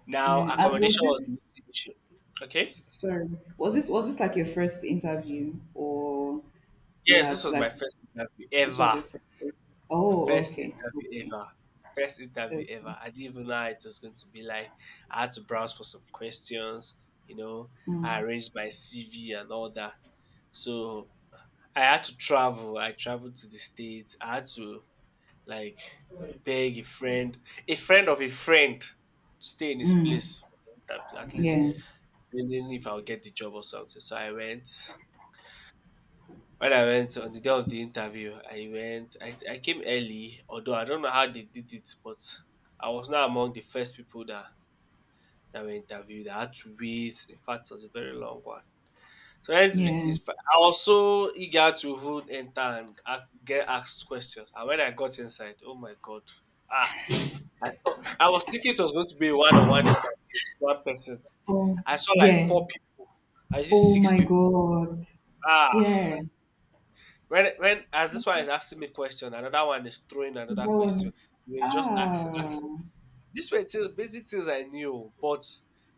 B: Now,
A: Yeah. And was
B: accommodation was the
A: this,
B: little issue. Okay.
A: sorry, was this like your first interview, or you
B: Yes, this
A: had
B: was my
A: like
B: first interview
A: this was
B: ever.
A: your first? Oh,
B: First
A: okay.
B: interview
A: Okay.
B: ever. First interview
A: Okay.
B: ever. I didn't even know how it was going to be like. I had to browse for some questions, you know. I
A: Mm,
B: arranged my CV and all that. So I had to travel. I traveled to the States. I had to like beg a friend of a friend, to stay in his
A: mm,
B: place for the interview, at least
A: yeah.
B: depending if I'll get the job or something. So I went. When I went on the day of the interview, I went. I came early, although I don't know how they did it, but I was not among the first people that were interviewed. I had to wait. In fact, it was a very long one. So
A: Yeah.
B: it's I was so eager to even enter and get asked questions. And when I got inside, oh my God, ah, I saw. I was thinking it was going to be a one-on-one interview, one person.
A: Oh,
B: I saw like
A: yeah.
B: four people. I see
A: Oh
B: six
A: my
B: people.
A: God.
B: Ah,
A: Yeah.
B: when as this one is asking me question, another one is throwing
A: That
B: another
A: one
B: question.
A: is,
B: You were just asking.
A: ah.
B: These were things, basic things I knew, but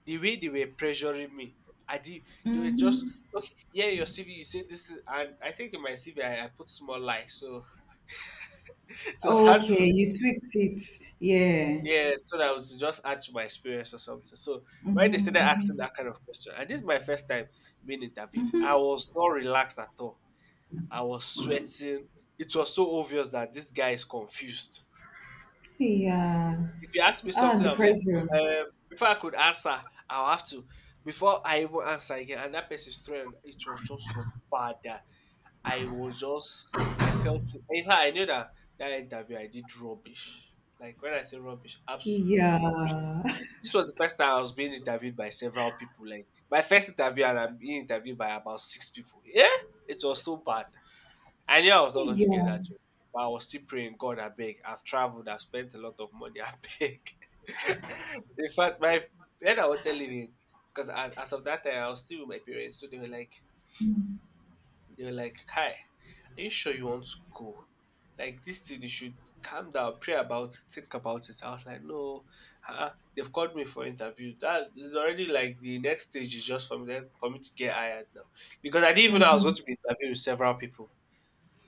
B: the way they were pressuring me, I did. They were just
A: Mm-hmm.
B: okay. Yeah, your CV. You say this, is, and I think in my CV I put small life, so it was hard for
A: Okay,
B: me. To,
A: you tweaked it. Yeah.
B: yeah, so that I was just add to my experience or something. So when they
A: Mm-hmm,
B: started asking
A: mm-hmm.
B: that kind of question, and this is my first time being interviewed, I was not relaxed at all. I was sweating. It was so obvious that this guy is confused.
A: Yeah.
B: If you ask me
A: Ah,
B: something,
A: the
B: I am like,
A: pressure.
B: before I could answer, I'll have to. Before I even answer again, and that person's throwing, it was just so bad that I was just, I felt, in fact, I knew that that interview I did rubbish. Like when I say rubbish, absolute rubbish.
A: Yeah.
B: This was the first time I was being interviewed by several people. Like my first interview, and I'm being interviewed by about six people. Yeah, it was so bad. I knew I was not going to
A: Yeah.
B: get that job, but I was still praying, God, I beg. I've traveled, I've spent a lot of money, I beg. In fact, my then I was telling leaving because as of that time I was still with my parents, so they were like, "Hi, are you sure you want to go? Like this thing, you should calm down, pray about it, think about it." I was like, "No, huh? They've called me for interview. That is already like the next stage is just for me then for me to get hired now because I didn't even know I was going
A: Mhm.
B: to be interviewing with several people."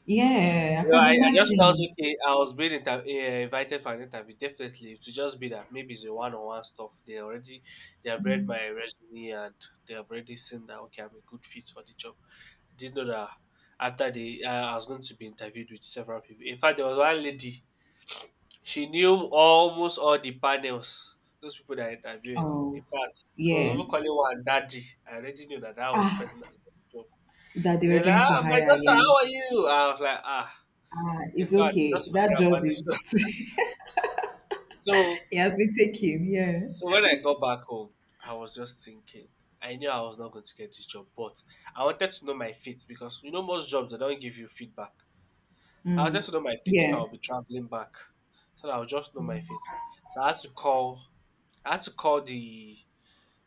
A: Yeah, I
B: You know,
A: can
B: I just felt
A: imagine.
B: okay. I was being invited for an interview. Definitely, to just be that maybe it's a one-on-one stuff. They have read my resume, and they have already seen that okay, I'm a good fit for the job. I didn't know that after the I was going to be interviewed with several people. In fact, there was one lady. She knew almost all the panels. Those people that are interviewing. In
A: Oh,
B: fact, she was
A: yeah.
B: even calling one daddy. I already knew that that was the person
A: Ah,
B: that was the job.
A: that they were
B: They're like,
A: going to
B: ah, my
A: hire
B: daughter,
A: again.
B: how are you? I was like, ah.
A: Ah,
B: In
A: it's
B: fact,
A: okay.
B: just
A: That
B: forget
A: job
B: about this one.
A: is
B: So,
A: it has been taken. Yeah,
B: so when I got back home, I was just thinking. I knew I was not going to get this job, but I wanted to know my fate, because you know most jobs they don't give you feedback. So I wanted to know my fate if
A: yeah.
B: I will be traveling back, so that I'll just know my fate. So I had to call. I had to call the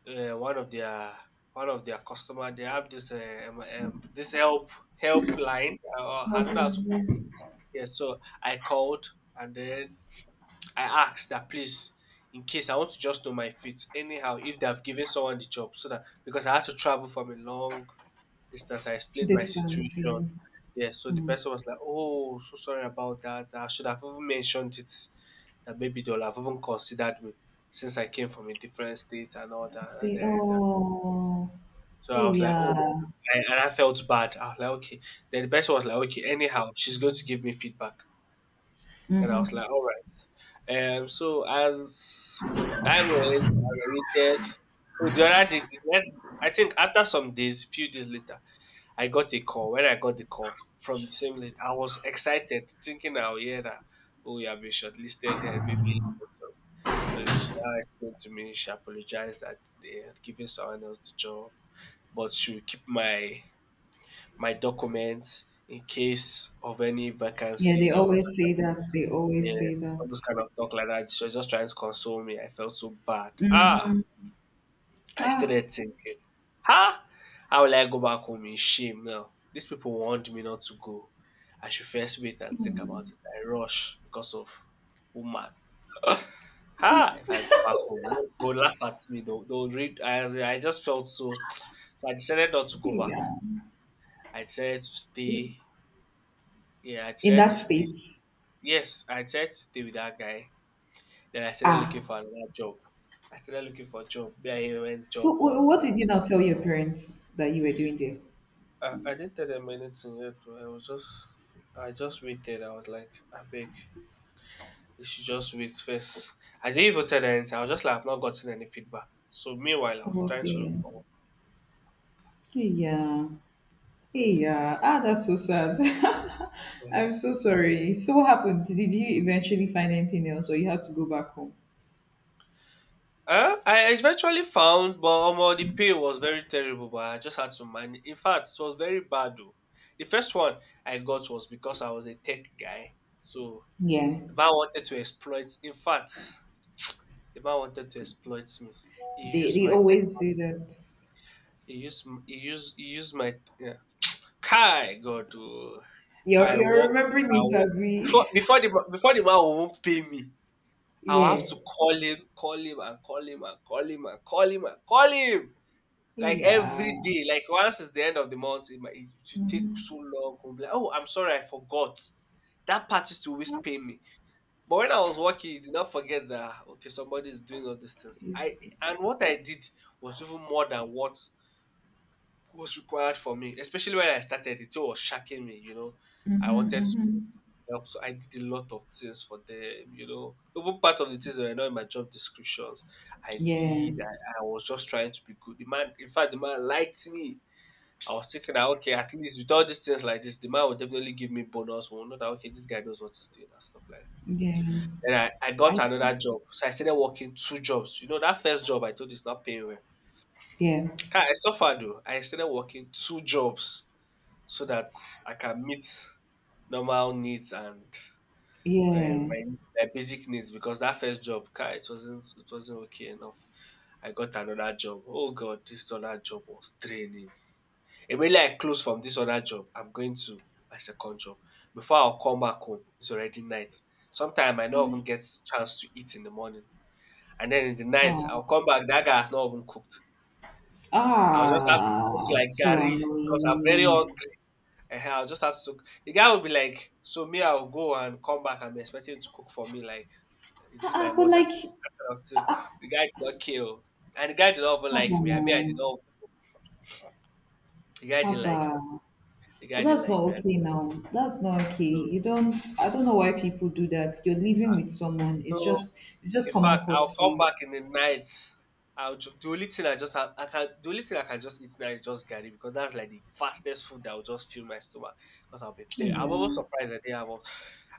B: uh, one of their one of their customer. They have this this help line. I don't know how to put it
A: Okay.
B: here. So I called, and then I asked that please, in case I want to just know my feet anyhow, if they have given someone the job, so that because I had to travel from a long distance, I explained my
A: Distance.
B: situation.
A: Yeah.
B: Yes, so the
A: Mm.
B: person was like, "Oh, so sorry about that. I should have even mentioned it that maybe they'll have even considered me since I came from a different state and all that." And
A: Say,
B: then,
A: oh,
B: so
A: hey,
B: I was like, "Oh,"
A: yeah.
B: and I felt bad. I was like, "Okay." Then the person was like, "Okay, anyhow, she's going to give me feedback." And I was
A: Mm-hmm.
B: like, all right. So as time went, I waited. So the other day, the next, I think after some days, few days later, I got a call. When I got the call from the same lady, I was excited, thinking I'll hear that, oh, you have been shortlisted there, maybe. So she now explained to me, she apologized that they had given someone else the job, but she will keep my my documents in case of any
A: Yeah, they
B: vacancy or
A: always say that. They
B: yeah,
A: always say
B: all those
A: that.
B: kind of talk like that. She was just trying to console me. I felt so bad. Ah,
A: Mm-hmm.
B: I
A: Ah,
B: started thinking, huh? How will I go back home in shame now? These people warned me not to go. I should first wait and think about it. I rush because of woman. Ha! If I go back home, they'll laugh at me. They'll read. I, as in, I just felt so. So I decided not to go
A: hey,
B: back.
A: yeah.
B: I decided to stay. Yeah, I
A: In
B: decided
A: that
B: to stay.
A: state.
B: Yes, I decided to stay with that guy. Then I started looking
A: Ah,
B: for another job. I started looking for a job. Then I went job
A: so, what
B: hunting.
A: did you now tell your parents that you were doing there?
B: I didn't tell them anything yet, though. I was just, I just waited. I was like, I beg, you should just wait first. I didn't even tell them anything. I was just like, I've not gotten any feedback. So meanwhile, I was
A: Oh,
B: trying to look
A: okay.
B: for
A: Hey, yeah. Hey, yeah. Ah, that's so sad.
B: work.
A: I'm so sorry. So, what happened? Did you eventually find anything else, or you had to go back home?
B: I eventually found, but the pay was very terrible. But I just had to manage. In fact, it was very bad though. The first one I got was because I was a tech guy, so
A: Yeah.
B: the man wanted to exploit. In fact, the man wanted to exploit me. He
A: They
B: used
A: they
B: my te-
A: always do that.
B: he used my, yeah. Kai God, oh.
A: You're
B: I
A: you're
B: walk
A: remembering
B: I
A: it,
B: walk before
A: Abby.
B: before the ma- before the man won't pay me. I'll have
A: Yeah.
B: to call him, and call him, and call him, and call him, and call him. Like
A: Yeah.
B: every day, like once it's the end of the month, it should take
A: Mhm.
B: so long. He'll be like, oh, I'm sorry, I forgot. That part used to always pay me. But when I was working, you did not forget that ah, okay, somebody is doing all these things. I
A: It's,
B: and what I did was even more than what was required for me. Especially when I started, it was shocking me. You know, I
A: hmm
B: wanted to
A: hmm
B: help, so I did a lot of things for them. You know, even part of the things that were not in my job descriptions, I
A: Yeah.
B: did. I was just trying to be good. The man, in fact, the man liked me. I was thinking that okay, at least with all these things like this, the man will definitely give me bonus. We'll know that okay, this guy knows what he's doing and stuff like that.
A: Yeah.
B: Then I got
A: I,
B: another job. So I started working two jobs. You know, that first job I told you is not paying well.
A: yeah.
B: I suffered though. I started working two jobs so that I can meet normal needs and um,
A: Yeah.
B: my, my basic needs, because that first job, Kai, it wasn't okay enough. I got another job. Oh God, this other job was draining. Immediately I close from this other job, I'm going to my second job. Before I'll come back home, it's already night. Sometimes I don't even get chance to eat in the morning. And then in the night, I'll
A: Wow.
B: come back, that guy has not even cooked. I'll just have to cook
A: Ah,
B: like
A: so
B: Gary because I'm very
A: annoying.
B: hungry. Ehen, I'll just have to cook. The guy will be like, so me, I'll go and come back and be expecting him to cook for me. Like, is
A: Ah,
B: this my
A: ah, but
B: mother?
A: like,
B: I'll say, the guy did not care, oh. And the guy did not even
A: haba
B: like me. I mean, I did
A: now,
B: not. The guy didn't like me.
A: haba.
B: The
A: Oh,
B: guy didn't
A: that's not
B: like me.
A: okay now. That's not okay. You
B: So,
A: don't. I don't know why people do that. You're living with someone.
B: so
A: It's just
B: in
A: common
B: fact, I'll come
A: courtesy.
B: back in the night. The only thing I just have, I can, the only thing I can just eat now is just garri, because that's like the fastest food that will just fill my stomach, because I'll be there. I'm almost
A: Yeah.
B: surprised I didn't have, al-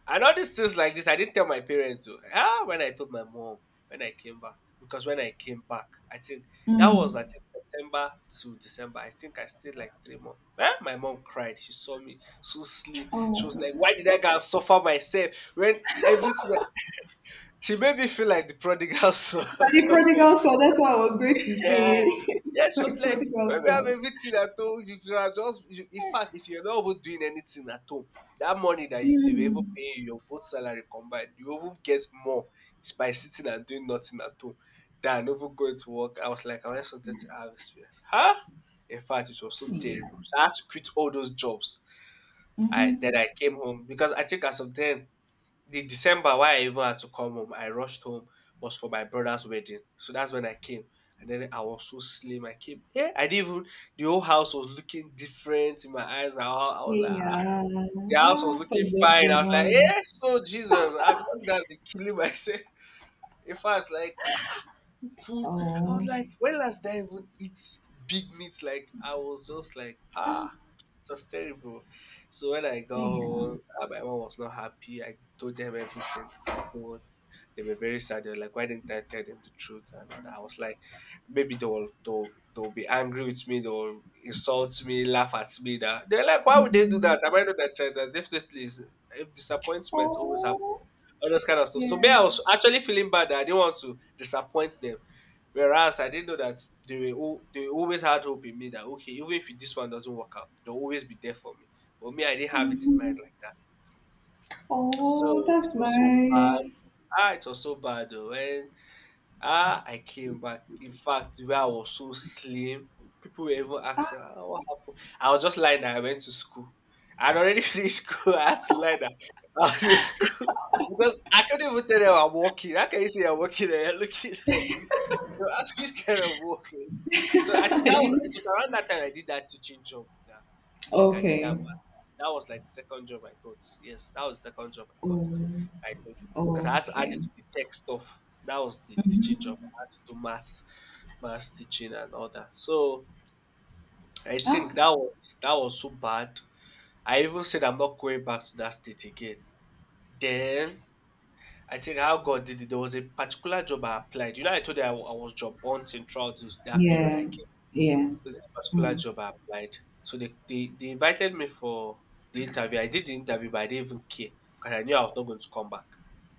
B: And all these things like this, I didn't tell my parents, oh. Ah, when I told my mom when I came back, because when I came back, I think that was I
A: Mm.
B: think September to December. I think I stayed like 3 months. Eh, my mom cried. She saw me so slim. She was
A: Oh,
B: like, "Why did I go and suffer myself when everything," she made me feel like the prodigal son.
A: like the prodigal son. That's what I was going to
B: Yeah.
A: say.
B: Yeah, she was
A: like
B: like,
A: prodigal
B: when we have
A: son.
B: everything at home, you can have just, you, in fact, if you're not even doing anything at home, that money that you, they were even
A: Mm.
B: paying you, your both salary combined, you even get more by sitting and doing nothing at home than even going to work. I was like, I just wanted to have experience. Huh? In fact, it was so
A: Yeah.
B: terrible. So I had to quit all those jobs. I
A: Mm-hmm.
B: then I came home because I think as of then, the December why I even had to come home, I rushed home, was for my brother's wedding. So that's when I came. And then I was so slim. I came, yeah, I didn't even, the whole house was looking different in my eyes. I was like, ah,
A: Yeah.
B: the house was
A: After
B: looking
A: just
B: fine.
A: three
B: I was like,
A: months.
B: yeah, so Jesus, I'm just going to be killing myself. In fact, like, food, I was
A: Oh.
B: like, when last did I even eat big meat? Like, I was just like, ah, it was terrible. So when I got
A: Yeah.
B: home, my mom was not happy. I told them everything happened. They were very sad. They were like, why didn't I tell them the truth? And all that. I was like, maybe they'll be angry with me, they'll insult me, laugh at me. That they're like, why would they do that? Am I not that child? That definitely is if disappointment always happens.
A: Oh,
B: All those kind of stuff. So me,
A: yeah.
B: I was actually feeling bad that I didn't want to disappoint them. Whereas I didn't know that they always had hope in me that okay, even if this one doesn't work out, they'll always be there for me. But me, I didn't have it in mind
A: hmm
B: like that. So
A: Oh,
B: it
A: that's
B: was so bad.
A: nice.
B: Ah, it was so bad though. When, ah, I came back. In fact, the way I was so slim, people were even asking, "Ah, what happened?" I was just lying that I went to school. I'd already finished school. I had to lie that I was in school. Because I couldn't even tell them I'm walking. How can you say I'm walking and you're looking like this? They'll ask which kind of walking. So I think that was it
A: You-
B: was around that time I did that teaching job. Yeah. I think I did that
A: okay.
B: math. That was like the second job I got. Yes, that was the second job I got.
A: Oh,
B: I told you because I had to add
A: okay.
B: it to the tech stuff. That was the teaching job. I had to do maths teaching and all that. So I
A: Ah,
B: think that was so bad. I even said I'm not going back to that state again. Then I think how God did it. There was a particular job I applied. You know, I told you I was job hunting throughout this, that period. I
A: yeah.
B: came.
A: Yeah.
B: So this particular job I applied. So they invited me for the interview. I did the interview, but I didn't even care because I knew I was not going to come back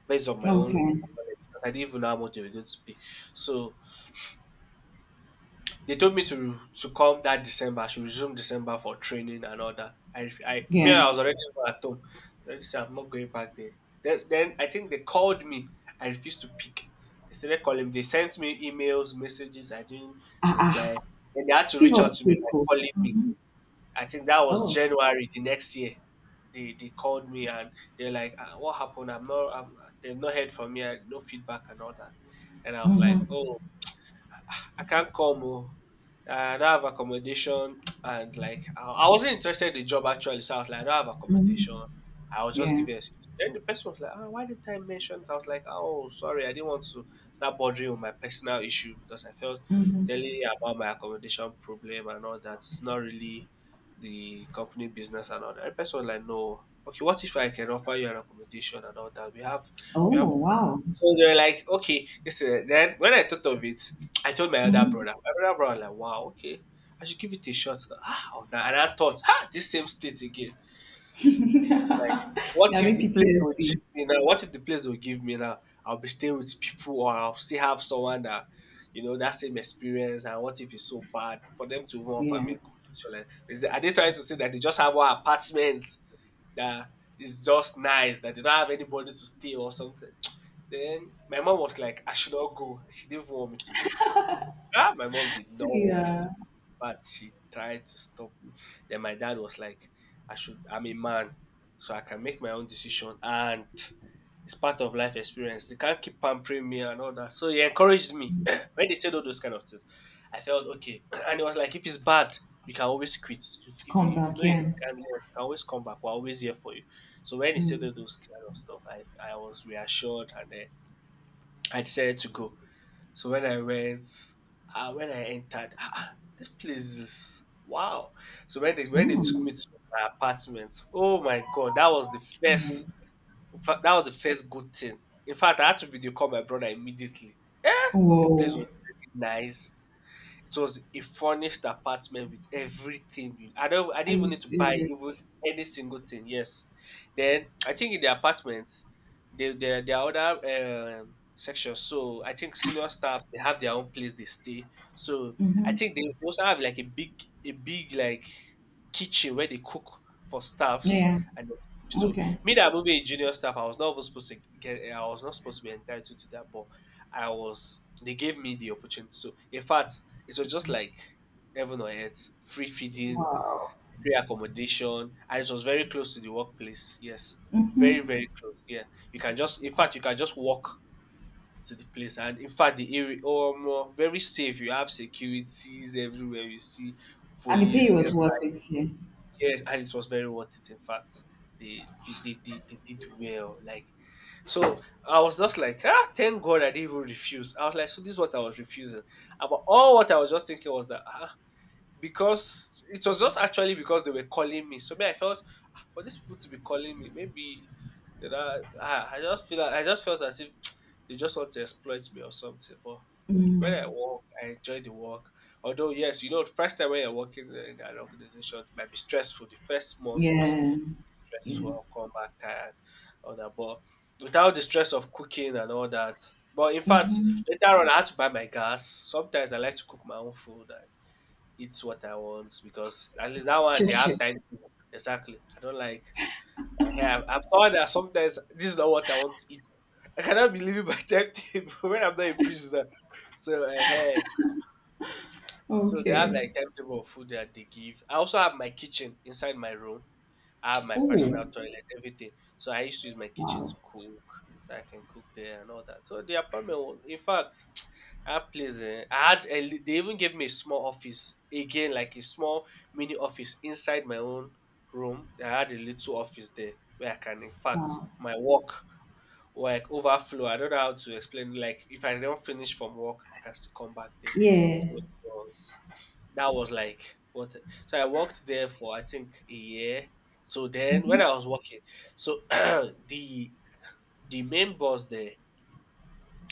B: based on my own knowledge.
A: Okay.
B: Because I didn't even know how much they were going to pay. So they told me to come that December. I should resume December for training and all that. Me,
A: Yeah.
B: I was already at home. I already said I'm not going back there. Then I think they called me. I refused to pick. They started calling. They sent me emails, messages. I didn't
A: Ah,
B: reply.
A: ah.
B: Then they had to
A: See
B: reach
A: hot
B: out to me by
A: people.
B: calling me. I think that
A: Oh.
B: was
A: Oh.
B: January the next year. They called me and they're like, "Ah, what happened? I'm not. I'm, they've not heard from me, and no feedback and all that." And I was like,
A: Mm-hmm.
B: "Oh, I can't come. Oh. I don't have accommodation," and like I wasn't interested in the job actually. So I was like, I don't have
A: Mm-hmm.
B: accommodation. I was just
A: Yeah.
B: giving excuse. Then the person was like, "Ah, why didn't I mention it?" I was like, "Oh, sorry, I didn't want to start bothering with my personal issue because I felt
A: Mm-hmm.
B: telling you about my accommodation problem and all that is not really the company business and all that." The person was like, "No, okay, what if I can offer you an accommodation and all that? We have
A: Oh,
B: we have
A: wow.
B: So they were like, "Okay, listen." Then when I thought of it, I told my other
A: Mm-hmm.
B: brother. My other brother was like, "Wow, okay, I should give it a shot now." Ah, I was like — and I thought, "Ha, this same state again. Like, what
A: Yeah, I
B: if
A: mean
B: the place will give
A: PTSD.
B: me now? What if the place will give me now? I'll be staying with people, or I'll still have someone that, you know, that same experience. And what if it's so bad for them to even offer
A: Yeah.
B: me accommodation? Like, is the — are they trying to say that they just have one apartment that is just nice, that they don't have anybody to stay or something?" Then my mom was like, I should not go. She didn't want me to go. Ah, my mom did not want me to
A: Yeah.
B: go, but she tried to stop me. Then my dad was like, I should — I'm a man, so I can make my own decision. And it's part of life experience. They can't keep pampering me and all that. So he encouraged me. When they said all those kind of things, I felt okay. And it was like, if it's bad, you can always quit. If, if,
A: Come
B: you, if you
A: back.
B: know
A: Yeah.
B: you can always come back. We're always here for you. So when he said
A: Mm.
B: all those kind of stuff, I was reassured, and then I decided to go. So when I went, ah, when I entered, ah, ah, this place is wow. So when they took me
A: Mm.
B: to my apartment, oh my god, that was the
A: Mm.
B: first. In fact, that was the first good thing. In fact, I had to video call my brother immediately. Eh, the place
A: Whoa.
B: was very nice. It was a furnished apartment with everything. You — I
A: Are
B: didn't
A: you
B: even need to buy even
A: serious?
B: any single thing. Yes. Then I think in the apartment, they there are other sections. So I think senior staff, they have their own place they stay. So I
A: Mm-hmm.
B: think they also have like a big kitchen where they cook for staffs,
A: Yeah.
B: and then — so
A: Okay.
B: me that moving a junior staff, I was not supposed to be entitled to that, but I was they gave me the opportunity. So in fact, it was just like heaven on earth, free feeding,
A: Wow.
B: free accommodation, and it was very close to the workplace. Yes,
A: Mhm.
B: very close. Yeah, you can just — in fact, you can just walk to the place, and in fact, the area, oh, more very safe. You have securities everywhere. You see
A: And the pay
B: police
A: was worth
B: inside.
A: it. Yeah.
B: Yes, and it was very worth it. In fact, they did well. Like, so, I was just like, ah, thank God I didn't even refuse. I was like, so this is what I was refusing. But all what I was just thinking was that, ah, because it was just actually because they were calling me. So me, I felt, "Ah, for these people to be calling me, maybe that I just feel like, I just felt as if they just want to exploit me or something." But when I work, I enjoy the work. Although yes, you know, first time when you're working in an organization, it might be stressful. The first month was
A: Yeah. Yeah.
B: stressful. I'll come back tired, all that. But without the stress of cooking and all that. But in fact,
A: Mhm.
B: later on, I had to buy my gas. Sometimes I like to cook my own food and eat what I want, because at least that one
A: Chip
B: they have
A: chip.
B: time to — Exactly. I don't like — eh, I'm someone that sometimes this is not what I want to eat. I cannot be living by timetable when I'm not in prison. So, so, hey, so they have
A: Okay.
B: like timetable of food that they give. I also have my kitchen inside my room. I have my
A: Oh.
B: personal toilet, everything. So I used to use my kitchen to
A: Wow.
B: cook, so I can cook there and all that. So the apartment was, in fact, that place, eh, I had — they even gave me a small office again, like a small mini office inside my own room. I had a little office there where I can, in fact,
A: Wow.
B: my work or like overflow. I don't know how to explain. Like if I don't finish from work, I can still come back there.
A: Yeah.
B: So it was — that was like what — so I worked there for I think a year. So then when
A: Mhm.
B: I was working, so the main boss there,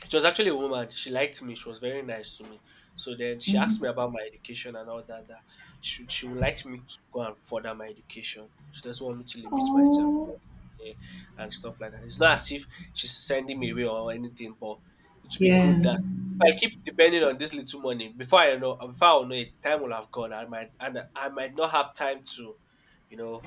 B: she was actually a woman. She liked me. She was very nice to me. So then she asked me about my education and all that. That she would like me to go and further my education. She doesn't want me to limit myself
A: Oh.
B: for, eh, and stuff like that. It's not as if she's sending me away or anything, but it would be good
A: Yeah.
B: that if I keep depending on this little money, before I know, before I will know it, time will have gone. I might, and I might not have time to, you know,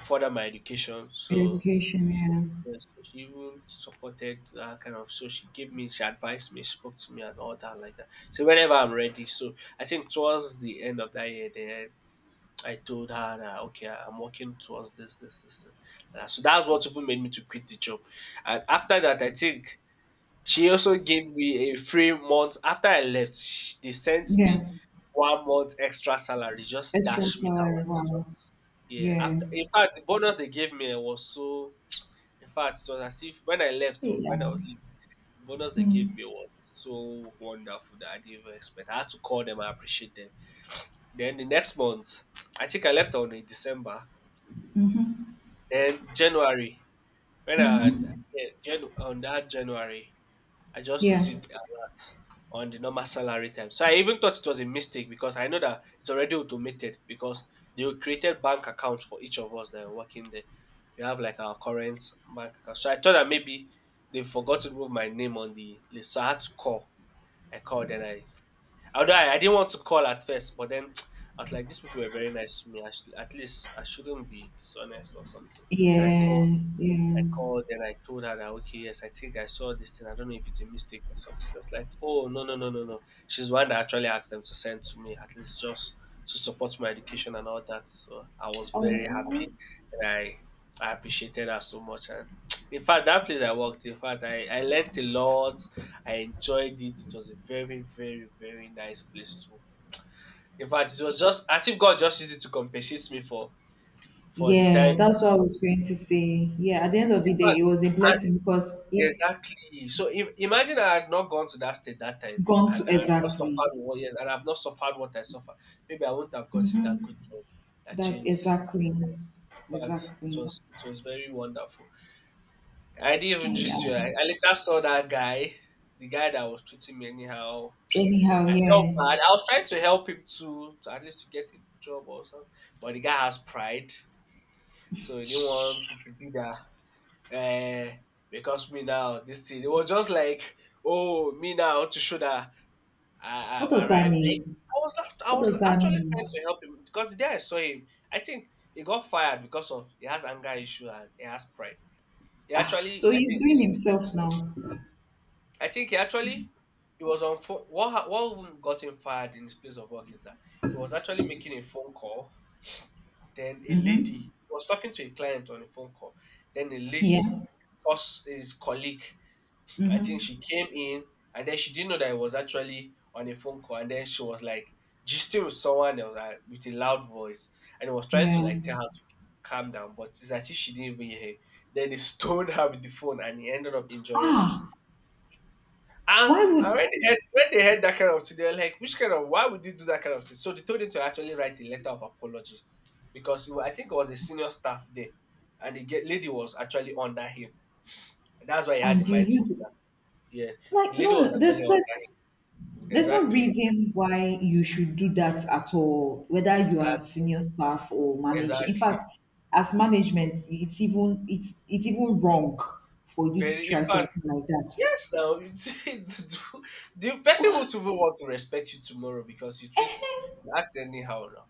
B: further my education. So
A: Education.
B: she —
A: Yeah.
B: yes, so she even supported that kind of. So she gave me, she advised me, spoke to me, and all that like that. So whenever I'm ready, so I think towards the end of that year, then I told her that okay, I'm working towards this, this, this, this. So that's what even made me to quit the job. And after that, I think she also gave me a free month after I left. Sh They sent
A: Yeah.
B: me 1 month extra salary, just
A: Extra
B: dash me that
A: salary.
B: one,
A: Wow.
B: just — yeah,
A: Yeah.
B: after — in fact, the bonus they gave me, eh, was so — in fact, it was as if when I left — oh,
A: Yeah.
B: when I was leaving, the bonus they gave
A: Mm.
B: me was so wonderful that I didn't even expect. I had to call them, I appreciate them. Then the next month, I think I left on a December, then January, when I —
A: Mhm.
B: yeah, Jan on that January, I just
A: Yeah.
B: received the alert on the normal salary time. So I even thought it was a mistake because I know that it's already automated because they created bank accounts for each of us that are working there. We have like our current bank account. So I thought that maybe they forgot to remove my name on the list. So I had to call. I called and I although I didn't want to call at first, but then I was like, these people were very nice to me. I should, at least I shouldn't be dishonest or something. So
A: Yeah.
B: I
A: Yeah.
B: called and I told her that okay, yes, I think I saw this thing. I don't know if it's a mistake or something. She was like, oh no no no no no. She's the one that actually asked them to send to me at least just to support my education and all that. So I was very
A: Oh.
B: happy and I appreciated her so much. And in fact, that place I worked, in fact, I learned a lot. I enjoyed it. It was a very very very nice place to. In fact, it was just I think God just used it to compensate me for the
A: Yeah,
B: time.
A: that's what I was going to say. Yeah, at the end of the
B: In
A: day,
B: fact,
A: it was a blessing because it.
B: exactly. So if imagine I had not gone to that state that time
A: Gone to,
B: and I've not
A: exactly.
B: suffered what yes, and I've not suffered what I suffered, maybe I wouldn't have gotten that good job that
A: That
B: changed.
A: exactly.
B: Yes. In fact,
A: Exactly.
B: it was very wonderful. I didn't even
A: Yeah.
B: just you. I later saw that guy, the guy that was treating me anyhow.
A: Anyhow,
B: I felt
A: yeah.
B: bad. I was trying to help him to at least to get a good job or something. But the guy has pride. So he didn't want it to be that eh, because me now this thing. It was just like, oh, me now to show that I,
A: What
B: I've
A: does that
B: arrived. Like,
A: mean?
B: I was not, I
A: What does
B: was
A: that
B: actually trying
A: mean?
B: to help him because the day I saw him, I think he got fired because of he has anger issue and he has pride. He
A: Ah,
B: actually,
A: so
B: I
A: he's
B: think
A: doing
B: it's,
A: himself now.
B: I think he actually, he was on phone. What even got him fired in his place of work is that he was actually making a phone call. Then a lady
A: Mm-hmm.
B: was talking to a client on a phone call. Then a lady,
A: Yeah.
B: discussed his colleague I think
A: Mm-hmm.
B: she came in and then she didn't know that I was actually on a phone call. And then she was like gisting with someone else with a loud voice. And I was trying to
A: Yeah.
B: like tell her to calm down, but it's as if she didn't even hear him. Then he stoned her with the phone and he ended up injuring her.
A: Ah,
B: And,
A: why
B: and
A: would,
B: when they heard that kind of thing, they were like, which kind of, why would you do that kind of thing? So they told him to actually write a letter of apology because I think it was a senior staff there and the lady was actually under him. That's why he had
A: and
B: the
A: you
B: mind to do
A: use it?
B: that. Yeah, the
A: Like
B: lady
A: no,
B: was
A: no,
B: actually under
A: there's no
B: exactly.
A: reason why you should do that at all, whether you are
B: As
A: senior staff or manager. In
B: exactly.
A: fact, as management, it's even, it's even wrong for you to
B: Very in
A: try
B: fact,
A: something like that.
B: yes now you the person will even want to respect you tomorrow because you treat you act anyhow now.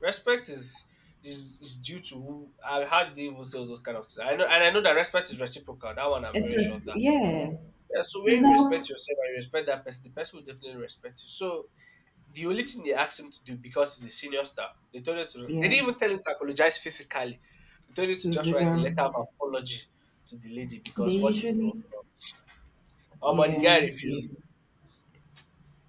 B: Respect is is due to who I how do you even say all those kind of things. I know and I know that respect is reciprocal. That one I'm
A: It's
B: very sure of
A: res-
B: that.
A: yeah,
B: Yeah, so
A: you
B: when you
A: know,
B: respect yourself and you respect that person, the person will definitely respect you. So the only thing they asked him to do because he's a senior staff, they told him to they
A: yeah.
B: didn't even tell him to apologize physically. They told him to
A: To
B: just
A: the
B: write a
A: girl,
B: letter of apology to the lady
A: they
B: because what he did was
A: usually
B: wrong. The
A: yeah,
B: guy
A: yeah.
B: refused.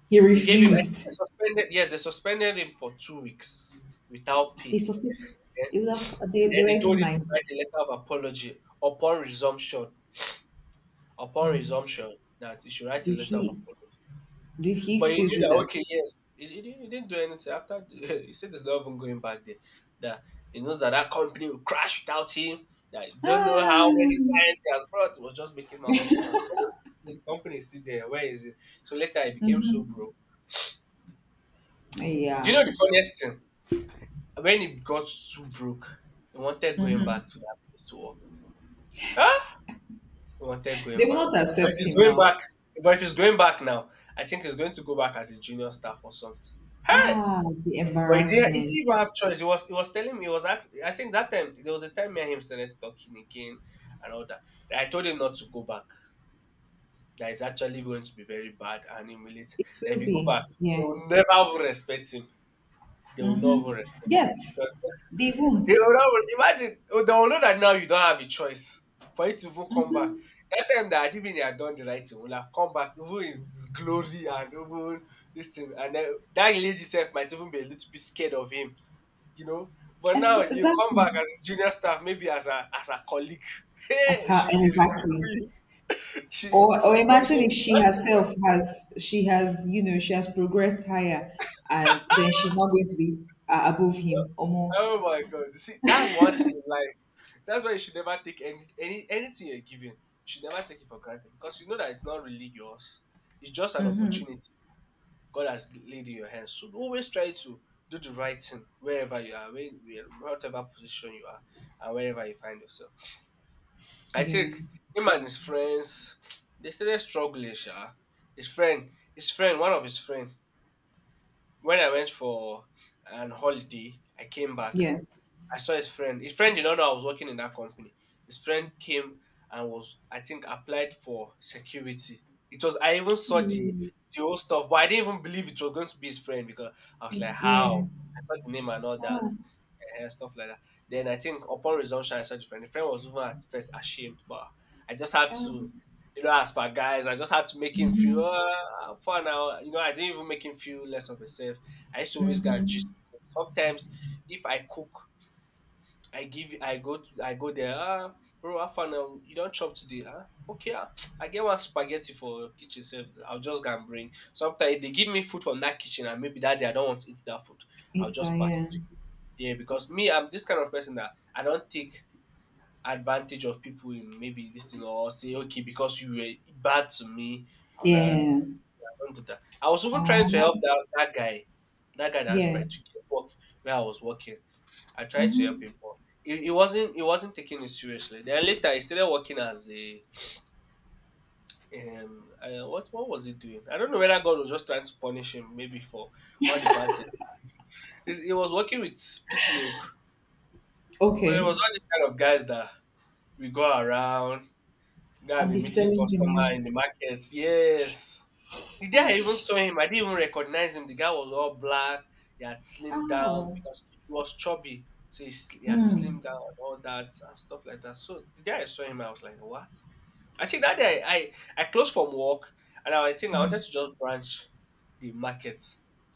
A: He
B: They gave him I think they
A: refused.
B: suspended yes, they suspended him for 2 weeks without
A: They
B: pay.
A: sustained.
B: Then,
A: They would have. They
B: then
A: were
B: they told
A: even
B: him to write
A: nice.
B: a letter of apology upon resumption. Upon resumption that he should write a
A: Did
B: letter of
A: he?
B: apology.
A: Did he
B: But he
A: still
B: knew
A: do
B: that
A: that?
B: okay, yes, he didn't do anything after. The- he said there's not even going back there. That he knows that that company will crash without him. That he don't know
A: Ah,
B: how many clients he has brought. It was just making money, making money. Nobody- The company is still there. Where is it? So later he became so
A: mhm.
B: broke. Do you
A: Yeah.
B: know the funniest thing? When he got so broke, he wanted going back to that place to work. Huh? He wanted
A: They
B: going
A: will
B: back.
A: not
B: But if
A: accept
B: he's
A: him
B: going
A: now.
B: back, but if he's going back now, I think he's going to go back as a junior staff or something. Hey.
A: Ah, the
B: But he
A: embarrassment.
B: didn't even have choice. He was telling me he was act, I think that time there was a time me and him started talking again and all that. That I told him not to go back. That it's actually going to be very bad and humiliating.
A: It
B: That if
A: will
B: you go
A: be.
B: back, they
A: Yeah.
B: will never even respect him. They will not
A: Mm-hmm.
B: even respect him
A: Yes,
B: because
A: they won't.
B: they will not imagine. Oh, they will know that now you don't have a choice for you to even come back. That time that Adibini had done the right thing, will have come back even in his glory and even this thing. And then that lady herself might even be a little bit scared of him you know. But now you come
A: Exactly.
B: back as junior staff, maybe as a colleague.
A: As
B: Hey,
A: her
B: she will
A: exactly.
B: ridicule you. She, but
A: Or
B: you
A: imagine
B: know,
A: if she
B: one thing, man,
A: herself has she has you know she has progressed higher, and then she's not going to be above
B: oh
A: him or more.
B: oh my God, see, that's one thing with life. That's why you should never take any anything you're given. You should never take it for granted because you know that it's not really yours. It's just an opportunity God has laid in your hands. So always try to do the right thing wherever you are, when, whatever position you are, and wherever you find yourself. I
A: Yeah.
B: think him and his friends, they started struggling, sha. One of his friend. When I went for an holiday, I came back.
A: Yeah.
B: I saw his friend. His friend did not know I was working in that company. His friend came and was, I think, applied for security. It was I even saw
A: Mm.
B: the whole stuff, but I didn't even believe it was going to be his friend because I was like,
A: It's,
B: how?
A: yeah.
B: I saw the name and all that,
A: Ah.
B: and stuff like that. Then I think upon resumption, I saw the friend. The friend was even at first ashamed, but I just had
A: ah.
B: to, you know, as per guys, I just had to make him feel
A: Mm-hmm.
B: for now. You know, I didn't even make him feel less of a self. I used to always go and gist with him. Sometimes if I cook I give I go there, ah bro how far now you not chop today? Ah okay ah I get one spaghetti for kitchen sef, I'll just go and bring. Sometimes if dey give me food from that kitchen and maybe that day I don't want to eat that food, I'll
A: It's,
B: just pass
A: yeah.
B: it. Yeah because me I'm this kind of person that I don't take advantage of people in maybe this thing or say okay because you were bad to me and I will now
A: Yeah.
B: I don do dat. I was even trying to
A: Oh.
B: help that that guy dat
A: Yeah.
B: sprite to get work where I was working. I tried to help him, but he wasn't taking it seriously. Then later he started working as a what was he doing? I don't know whether God was just trying to punish him maybe for all the bad things. He was working with pig milk, but it
A: Okay.
B: was all these kind of guys that we go around. Guy
A: I'll
B: be
A: be
B: meeting
A: selling the
B: customer
A: milk.
B: in the markets. Yes, the day I even
A: Gosh.
B: saw him, I didn't even recognize him. The guy was all black. He had slimmed down
A: Oh.
B: because he was chubby. So he, he had
A: Mm.
B: slimmed down and all that and stuff like that. So the day I saw him, I was like, what? I think that day I closed from work and I was thinking I wanted to just branch the market.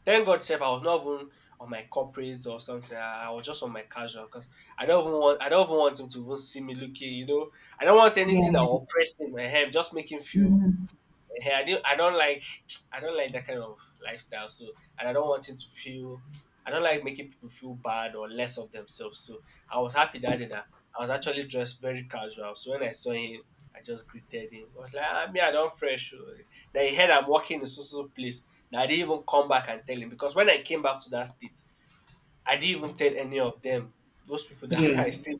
B: Thank God, safe. I was not even on my corporate or something. I was just on my casual because I don't even want I don't even want him to even see me looking. You know, I don't want anything that
A: Yeah.
B: will oppress him. Ahem, just make him feel.
A: Mm-hmm.
B: Hey, I don't like that kind of lifestyle. So. And I don't want him to feel. I don't like making people feel bad or less of themselves. So I was happy that day that I was actually dressed very casual. So when I saw him, I just greeted him. I was like, me, I don't fresh, oh. Then he heard I'm working in so so place. Now I didn't even come back and tell him because when I came back to that state, I didn't even tell any of them. Those people that
A: Yeah.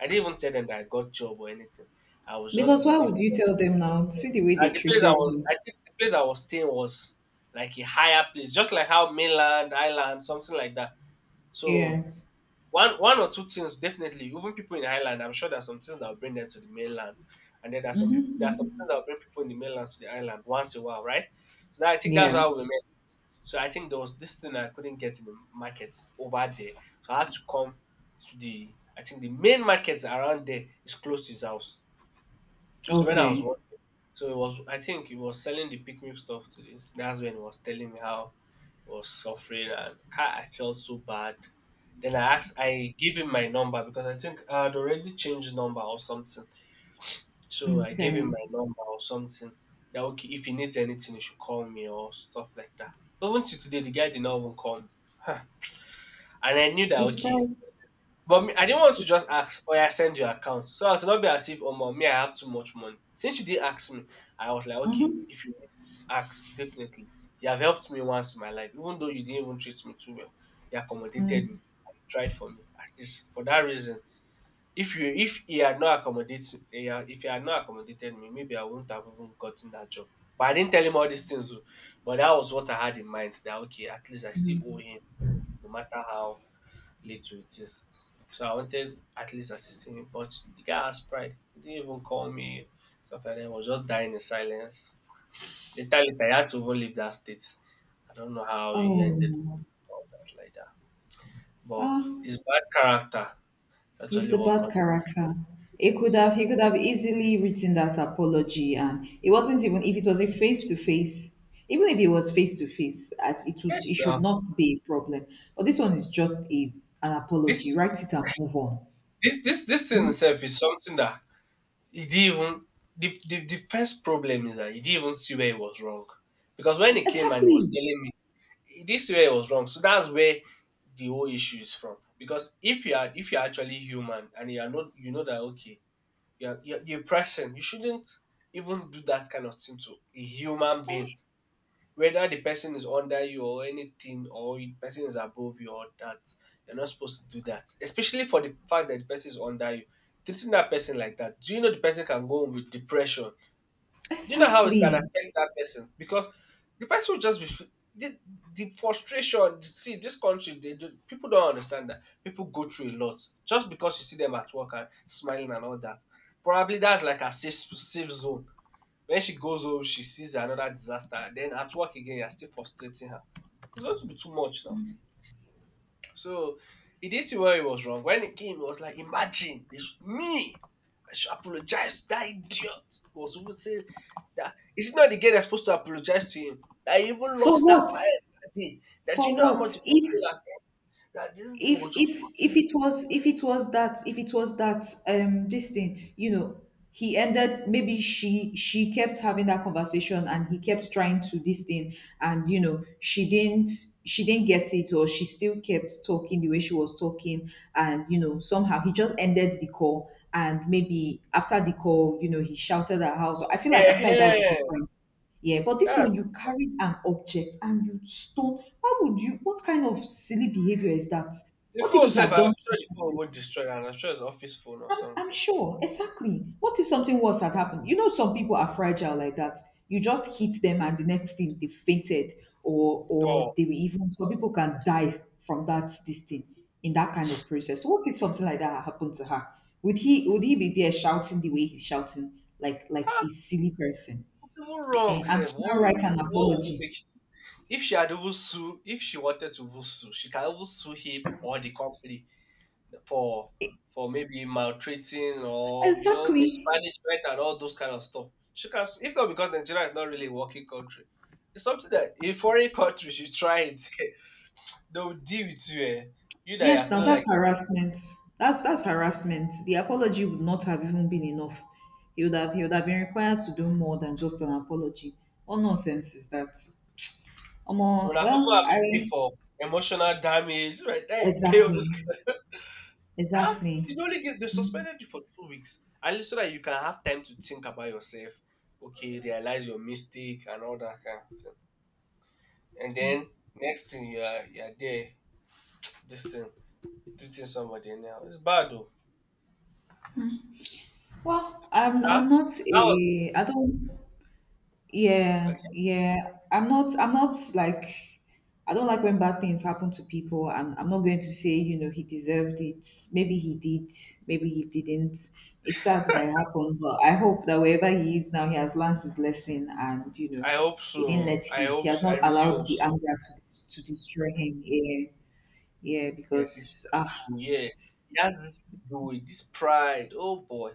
B: I didn't even tell them that I got job or anything. I was just
A: Because
B: in a
A: why would you
B: different.
A: tell them now? See the way they
B: And the place I
A: treated
B: was,
A: you.
B: I think the place I was staying was like a higher place, just like how mainland, island, something like that.
A: Yeah.
B: So one or two things definitely. Even people in island, I'm sure there's some things that will bring them to the mainland, and then there's some things that will bring people in the mainland to the island once in a while, right? So that, I think that's
A: Yeah.
B: how we met. So I think there was this thing I couldn't get in the market over there, so I had to come to the I think the main markets around there is close to his house. So when I was
A: Okay.
B: working, so it was I think he was selling the picnic stuff to this. That's when he was telling me how he was suffering, and I felt so bad. Then I gave him my number because I think I had already changed number or something. So I gave him
A: Okay.
B: my number or something. That okay, if he needs anything, he should call me or stuff like that. Even to today, the guy did not even call me, and I knew that
A: It's
B: okay,
A: pride.
B: but me, I didn't want to
A: It's,
B: just ask, "Oh, yeah, send your account," so as to not be as if, "Oh, mom, me, I have too much money." Since you did ask me, I was like, "Okay,
A: hmm
B: if you need, ask definitely." You have helped me once in my life, even though you didn't even treat me too well. You accommodated me, you tried for me. At least for that reason, if you if he had not accommodated, he had- if he had not accommodated me, maybe I wouldn't have even gotten that job. But I didn't tell him all these things, oh, but that was what I had in mind. That okay, at least I still owe him, no matter how late to it is. So I wanted at least assisting him, but the guy has pride. He didn't even call me. Stuff like that. He was just dying in silence. Later, he had to even leave that state. I don't know how he ended
A: Oh.
B: all that like that. But
A: Ah.
B: his bad character is
A: He's
B: actually
A: the
B: what
A: bad
B: got
A: character. He could
B: us.
A: have he could have easily written that apology, and it wasn't, even if it was a face to face. Even if it was face to face, I- it would
B: Yes,
A: it should
B: now
A: not be a problem. But this one is just a an
B: this
A: apology.
B: is
A: Write it and move on.
B: this thing itself is something that he didn't even. The first problem is that he didn't even see where he was wrong. Because when he came and he was
A: Exactly.
B: telling me, this way was wrong. So that's where the whole issue is from. Because if you're actually human and you are not, you know that okay, you're a person, you shouldn't even do that kind of thing to a human
A: Eh,
B: being. Whether the person is under you or anything, or the person is above you or that, you're not supposed to do that. Especially for the fact that the person is under you. Treating that person like that, do you know the person can go home with depression? Do you know how it can
A: exactly.
B: affect that person? Because the person will just be the frustration. See, this country, they do, people don't understand that people go through a lot just because you see them at work and smiling and all that. Probably that's like a safe zone. When she goes home, she sees another disaster. Then at work again, you're still frustrating her. It's going to be too much now. So he did see where he was wrong. When it came, it was like, imagine this me. I should apologize to that idiot. He was even saying, that is it not the guy that's supposed to apologize to him? I even
A: For
B: lost that
A: what?
B: client that day. That you
A: For
B: know how much
A: what?
B: it cost me
A: If
B: that it
A: if
B: was just
A: if if it was if it was that, this thing, he ended, maybe she kept having that conversation, and he kept trying to this thing. And she didn't get it, or she still kept talking the way she was talking. And somehow he just ended the call, and maybe after the call, he shouted at her. So I feel like that would be
B: uh
A: different. Yeah, but this one you
B: That's
A: carried an object and you stone. How would you? What kind of silly behavior is that?
B: the
A: What if
B: phone
A: it
B: self,
A: had
B: I'm
A: done
B: sure the
A: something
B: phone won't
A: worse?
B: destroy and I'm sure it's office phone or
A: I'm
B: something.
A: sure, exactly. What if something worse had happened? Some people are fragile like that. You just hit them, and the next thing they fainted, or
B: Oh.
A: or they were even some people can die from that this thing in that kind of process. So what if something like that happened to her? Would he be there shouting the way he's shouting, like a silly person.
B: It's even wrong,
A: And
B: Seth.
A: to
B: What
A: now write an
B: will, what will
A: apology.
B: make if she had even sue if she wanted to even sue, she can even sue him or the company for for maybe maltreating, or you know
A: Exactly.
B: mismanagement and all those kind of stuff. She can, if not because Nigeria is not really a working country, it's something that in foreign countries you try it, they'll deal with you. Eh? You that
A: Yes,
B: you're
A: now
B: feeling like
A: that's harassment. That's harassment. The apology would not have even been enough. He would have been required to do more than just an apology. What nonsense is that? Omo,
B: when people
A: well,
B: have to pay
A: I
B: for emotional damage, right? They pay all this.
A: exactly.
B: Huh?
A: Exactly.
B: You only get they suspended you for 2 weeks, at least so that you can have time to think about yourself. Okay, realize your mistake and all that kind of thing. And then next thing you are there, this thing, treating somebody anyhow. It's bad though.
A: Well, I'm
B: Sha?
A: not
B: That was
A: a I don't yeah,
B: okay.
A: yeah. I don't like when bad things happen to people. I'm not going to say, he deserved it. Maybe he did, maybe he didn't. It's sad that it happened, but I hope that wherever he is now, he has learned his lesson and,
B: I hope
A: he didn't
B: so.
A: let
B: I
A: his he
B: hope
A: has
B: so. I
A: not
B: really
A: allowed
B: hope
A: the
B: so.
A: anger to destroy him. Yeah. Yeah.
B: Yeah, this
A: because ah
B: ego, yeah. He has this ego, this pride. Oh boy.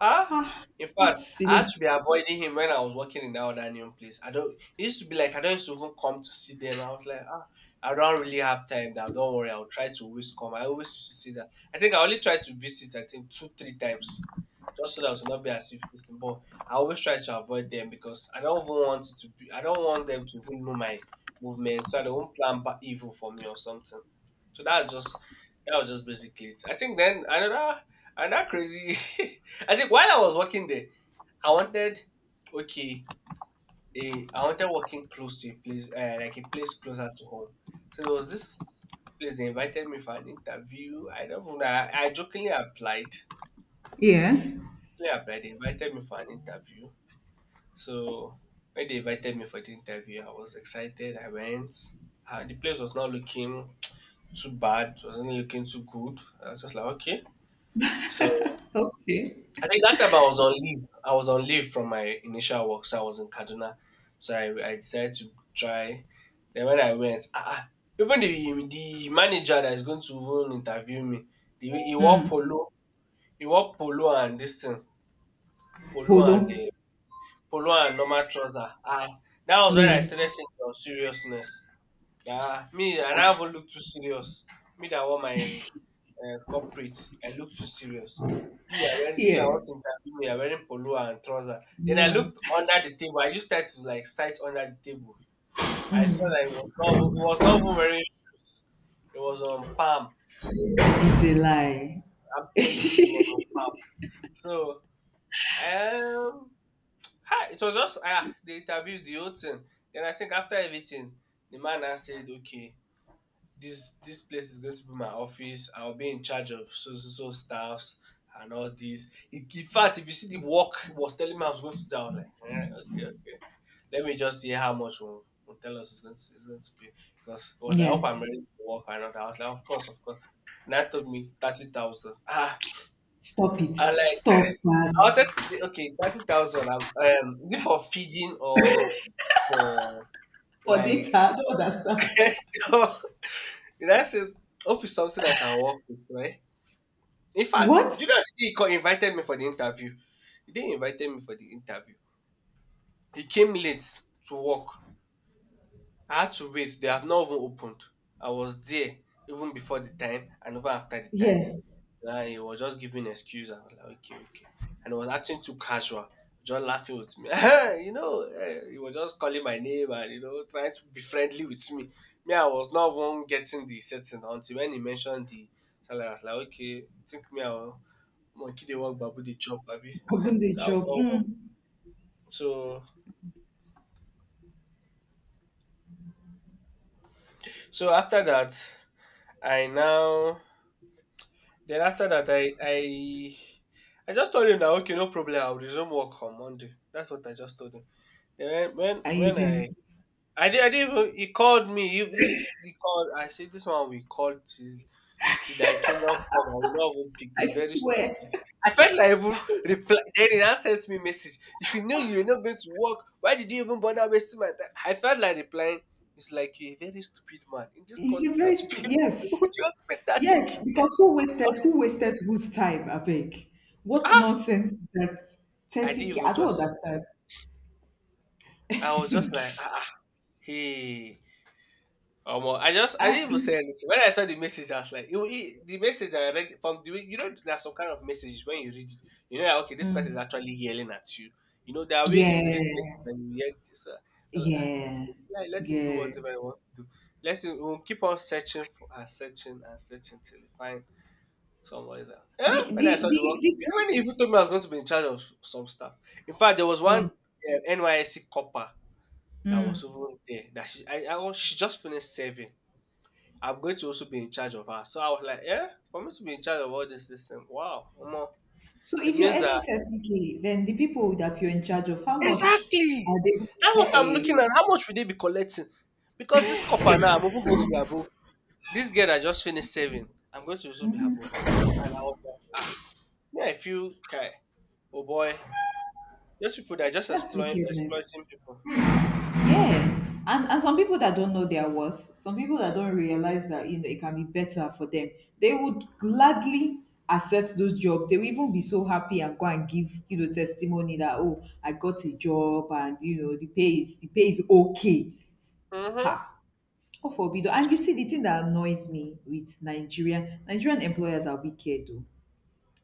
B: Ah,
A: ah
B: in
A: what
B: fact, I
A: silly
B: had to be avoiding him when I was working in that other new place. I don't. It used to be like I don't used to even come to see them. I was like, I don't really have time now. Don't worry, I'll try to always come. I always used to see that. I think I only tried to visit. I think two, three times, just so that it would not be as if this thing. But I always try to avoid them because I don't even want it to be. I don't want them to even know my movement, so they won't plan evil for me or something. So that was just basically it. I think then another crazy. I think while I was working there, I wanted okay, I wanted working close to a place, like a place closer to home. So there was this place they invited me for an interview. I don't know. I jokingly applied.
A: Yeah.
B: Jokingly applied. They invited me for an interview. So when they invited me for the interview, I was excited. I went. And the place was not looking too bad. It wasn't looking too good. I was just like, okay. So
A: Okay.
B: I think that time I was on leave. I was on leave from my initial work, so I was in Kaduna. So I decided to try. Then when I went, even the manager that is going to even interview me, he wore
A: Mm.
B: polo and this thing, polo
A: Polo.
B: and the polo and normal trouser. That was when
A: Yeah.
B: I started seeing your seriousness. Yeah, me, I never look too serious. Me that want my corporate, I look too serious. You are wearing, you that
A: Yeah.
B: want to interview me, are wearing polo and trouser. Then I
A: No.
B: looked under the table. I used that to like sight under the table. I saw that it was not even wearing shoes. It was on palm.
A: It's a lie.
B: I'm telling you, it was on palm. So um, it was just the interview, the whole thing. Then I think after everything, the man now said, okay. This place is going to be my office. I'll be in charge of so so staffs and all this. In fact, if you see the work he was telling me I was going to do, I was like, eh, okay, okay. Let me just see how much will tell us it's going to be, because I was like, I
A: Yeah.
B: hope I'm ready for work and all that. I was like, of course, of course. And that told me 30,000.
A: Stop it.
B: I like
A: Stop
B: I wanted to
A: that.
B: say okay, 30,000. Is it for feeding or for
A: For
B: like?
A: data, I don't understand.
B: Did I say hope is something I can work with, right? In fact,
A: What?
B: do you know the day he invited me for the interview? The day he invited me for the interview, he came late to work. I had to wait. They have not even opened. I was there even before the time and even after the time.
A: Yeah.
B: Nah, he was just giving excuse. I was like, okay, okay. And he was acting too casual, just laughing with me. He was just calling my name and, trying to be friendly with me. Me, I was not one getting the setting until when he mentioned the salary. I was like, okay, think me, I'll monkey they work, babu they chop, baby. That
A: Open the
B: will
A: job.
B: not
A: Mm.
B: work. So, so after that, I now, then after that, I just told him that, okay, no problem, I'll resume work on Monday. That's what I just told him. Yeah, when
A: I
B: when
A: didn't.
B: I did even he called me. He called. I said this one we called till thy kingdom come. I will not even pick.
A: I
B: It's very stupid.
A: swear.
B: I felt like I would reply. Then he now sent me message. If you know you are not going to work, why did you even bother wasting my time? I felt like replying. It's like you're a very stupid man in this
A: Is
B: country.
A: it
B: You
A: very
B: want to
A: stupid?
B: pay- Would
A: Yes.
B: you want to pay 30K k?
A: Yes. Because who wasted who wasted whose time, I beg? What
B: Ah,
A: nonsense is that
B: I didn't
A: 30k?
B: even
A: I don't
B: just.
A: understand.
B: I was just like ah. Ah, hey, Omo, I
A: I,
B: didn't even say anything. When I saw the message, I was like, the message that I read from the, you know, there's some kind of messages when you read it, you know that, okay, this person is
A: mm.
B: actually yelling at you. You know there are ways
A: Yeah,
B: you read messages and you yell. So,
A: yeah,
B: like, let him do
A: yeah.
B: whatever he wants to do. Let him we'll keep on searching for and searching till he find somebody there. Yeah, when I saw the work, you
A: The
B: when he even told me I was going to be in charge of some stuff. In fact, there was
A: Yeah.
B: one NYSC copper that was over there that she just finished serving. I'm going to also be in charge of her. So I was like, yeah, for me to be in charge of all this thing, wow, omo,
A: So
B: it
A: if you're
B: means
A: earning
B: that
A: 30k, then the people that you're in charge of, how much are
B: exactly.
A: they?
B: That's what I'm
A: Hey,
B: looking at. How much will they be collecting? Because this copper now, I'm even going to be above. This girl that just finished saving, I'm going to also be above her. And I was like, ah, me, I feel, okay, oh boy, those people that are just
A: that's
B: exploiting
A: wickedness.
B: people.
A: Yeah. And some people that don't know their worth, some people that don't realize that you know it can be better for them, they would gladly accept those jobs. They will even be so happy and go and give testimony that, oh, I got a job and the pay is okay.
B: Mm-hmm.
A: Ha. Oh, forbid. And you see the thing that annoys me with Nigerian employers are wicked though.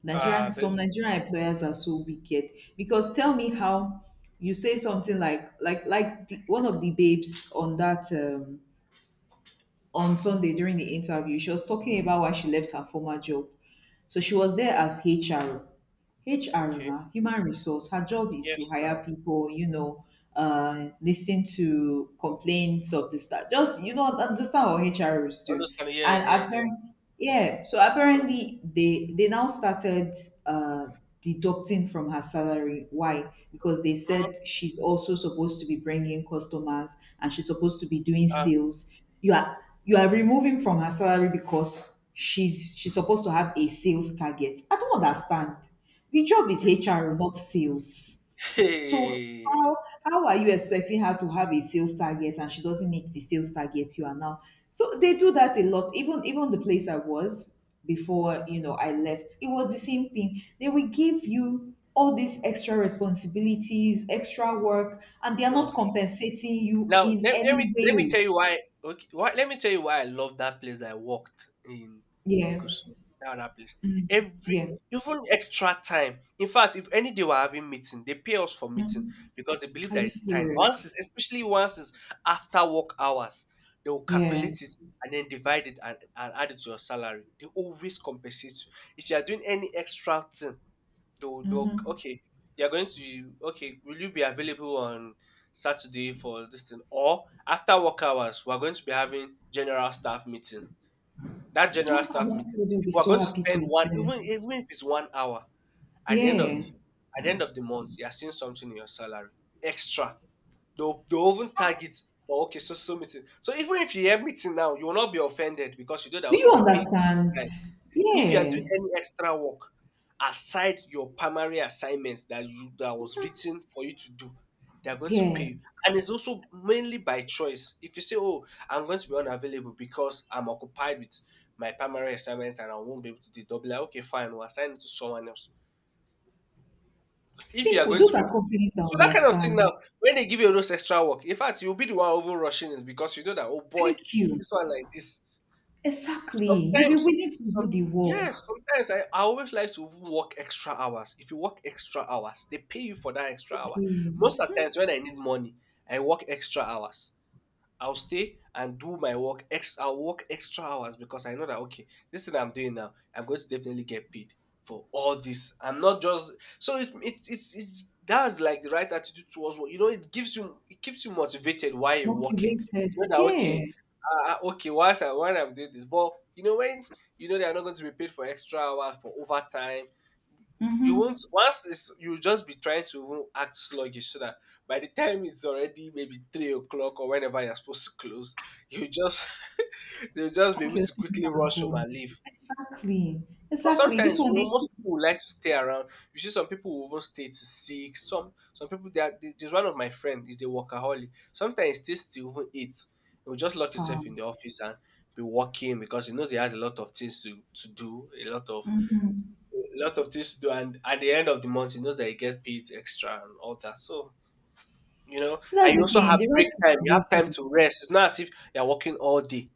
A: Nigerian,
B: Ah,
A: some
B: very
A: Nigerian employers are so wicked, because tell me how you say something one of the babes on that on Sunday during the interview, she was talking about why she left her former job. So she was there as HR. HR
B: okay.
A: na human resource. Her job is to
B: Yes, no.
A: hire
B: All
A: people, listen to complaints of the staff. Just understand what HR is doing.
B: those kind of
A: And
B: yes, yeah, yeah.
A: apparently, yeah. So apparently, they now started uh, deducting from her salary. Why? Because they
B: Mm-hmm.
A: said she's also supposed to be bringing customers and she's supposed to be doing
B: Ah,
A: sales. You are you are removing from her salary because she's supposed to have a sales target. I don't understand. The job is
B: wait.
A: HR, not sales. So
B: Hey,
A: how how are you expecting her to have a sales target and she doesn't meet the sales target you are now? So they do that a lot. Even the place I was before, I left, it was the same thing. They will give you all these extra responsibilities, extra work, and they are not
B: no.
A: compensating you
B: Now
A: in
B: let, let
A: any
B: me let me
A: way.
B: tell you why. Okay, why let me tell you why I love that place that I worked in
A: Yeah,
B: Gusau. Now that place. Every
A: yeah.
B: even extra time. In fact, if any day we're having meeting, they pay us for meeting
A: Mhm.
B: because they believe
A: Are
B: that
A: you
B: it's time. Once
A: serious?
B: it's, especially once it's after work hours, they will
A: Yeah.
B: calculate it and then divide it and add it to your salary. They always compensate you. If you are doing any extra thing, oh, doc.
A: Mm-hmm.
B: Okay. Okay, will you be available on Saturday for this thing? Or after work hours, we're going to be having general staff meeting. That general
A: I'm
B: staff
A: not- I
B: meeting,
A: would
B: if
A: be
B: we're
A: so
B: going to
A: happy
B: spend
A: to
B: one,
A: attend.
B: even if it's 1 hour, at the end of
A: Yeah.
B: the at the end of the month, you're seeing something in your salary. Extra. They'll even target for okay, so meeting. So even if you hear meeting now, you will not be offended because you know that
A: Do
B: okay,
A: you
B: they pay you for
A: understand?
B: your time. If you are doing
A: Yeah.
B: any extra work aside your primary assignments that was written for you to do, they are going to pay
A: Yeah.
B: you. And it's also mainly by choice. If you say, "Oh, I'm going to be unavailable because I'm occupied with my primary assignments and I won't be able to do it," they'll be like, "Okay, fine, we'll assign it to someone else." If you are
A: Simple.
B: going
A: Those
B: to be able
A: are
B: to do it.
A: companies that
B: So that kind of thing
A: understand.
B: now, when they give you those extra work, in fact, you'll be the one over rushing it because you know that, oh boy,
A: Thank you.
B: this one like this.
A: Exactly. You'll be
B: Sometimes,
A: willing to
B: some
A: do the
B: yes,
A: work.
B: sometimes I always like to work extra hours. If you work extra hours, they pay you for that extra hour.
A: You
B: Most
A: be
B: of the times when I need money, I work extra hours. I'll stay and do my work. I'll work extra hours because I know that okay, this thing I'm doing now, I'm going to definitely get paid for all this. I'm not just. So it it it's it's that's like the right attitude towards what you know. It keeps you motivated while you're working.
A: motivated.
B: You know that
A: Yeah.
B: okay, okay, whilst I while I'm doing this, but when they are not going to be paid for extra hours for overtime you won't once it's you'll just be trying to even act sluggish so that by the time it's already maybe 3 o'clock or whenever you're supposed to close, you just they'll just be
A: Pack
B: able
A: your
B: to
A: things
B: quickly
A: and
B: rush home
A: go.
B: and leave.
A: Exactly.
B: But
A: Exactly. This
B: sometimes,
A: one they
B: most
A: took
B: people would like to stay around. You see, some people will even stay to six. Some people there's one of my friend is the workaholic. Sometimes he stays till even eight. He'll just lock himself in
A: calm.
B: the office and be working because he knows he has a lot of things to do,
A: Hmm.
B: a lot of things to do and at the end of the month he knows that he get paid extra and all that so you know
A: So
B: and
A: that's
B: you
A: the
B: also
A: thing.
B: have
A: The right
B: break time you have time
A: motivation.
B: to rest it's not as if you're working all day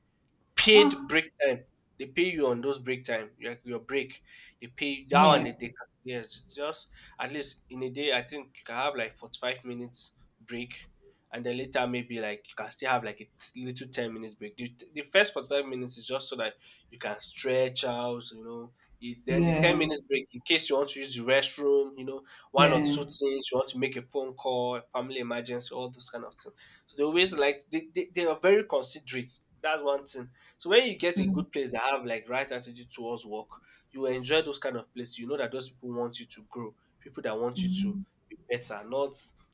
B: paid
A: Ah.
B: break time. They pay you on those break time, like your break. They pay that one.
A: Yeah.
B: They yes, just at least in a day. I think you can have like 45 minutes break, and then later maybe like you can still have like a little 10 minutes break. The first 45 minutes is just so that you can stretch out. Then the ten
A: Yeah.
B: minutes break in case you want to use the restroom, one or
A: Yeah.
B: two things you want to make a phone call, family emergency, all those kind of things. So they always like they are very considerate. That's one thing so when you get a good place that have like right attitude towards work, you will enjoy those kind of places. You know that those people want you to grow, people that want you to be better, not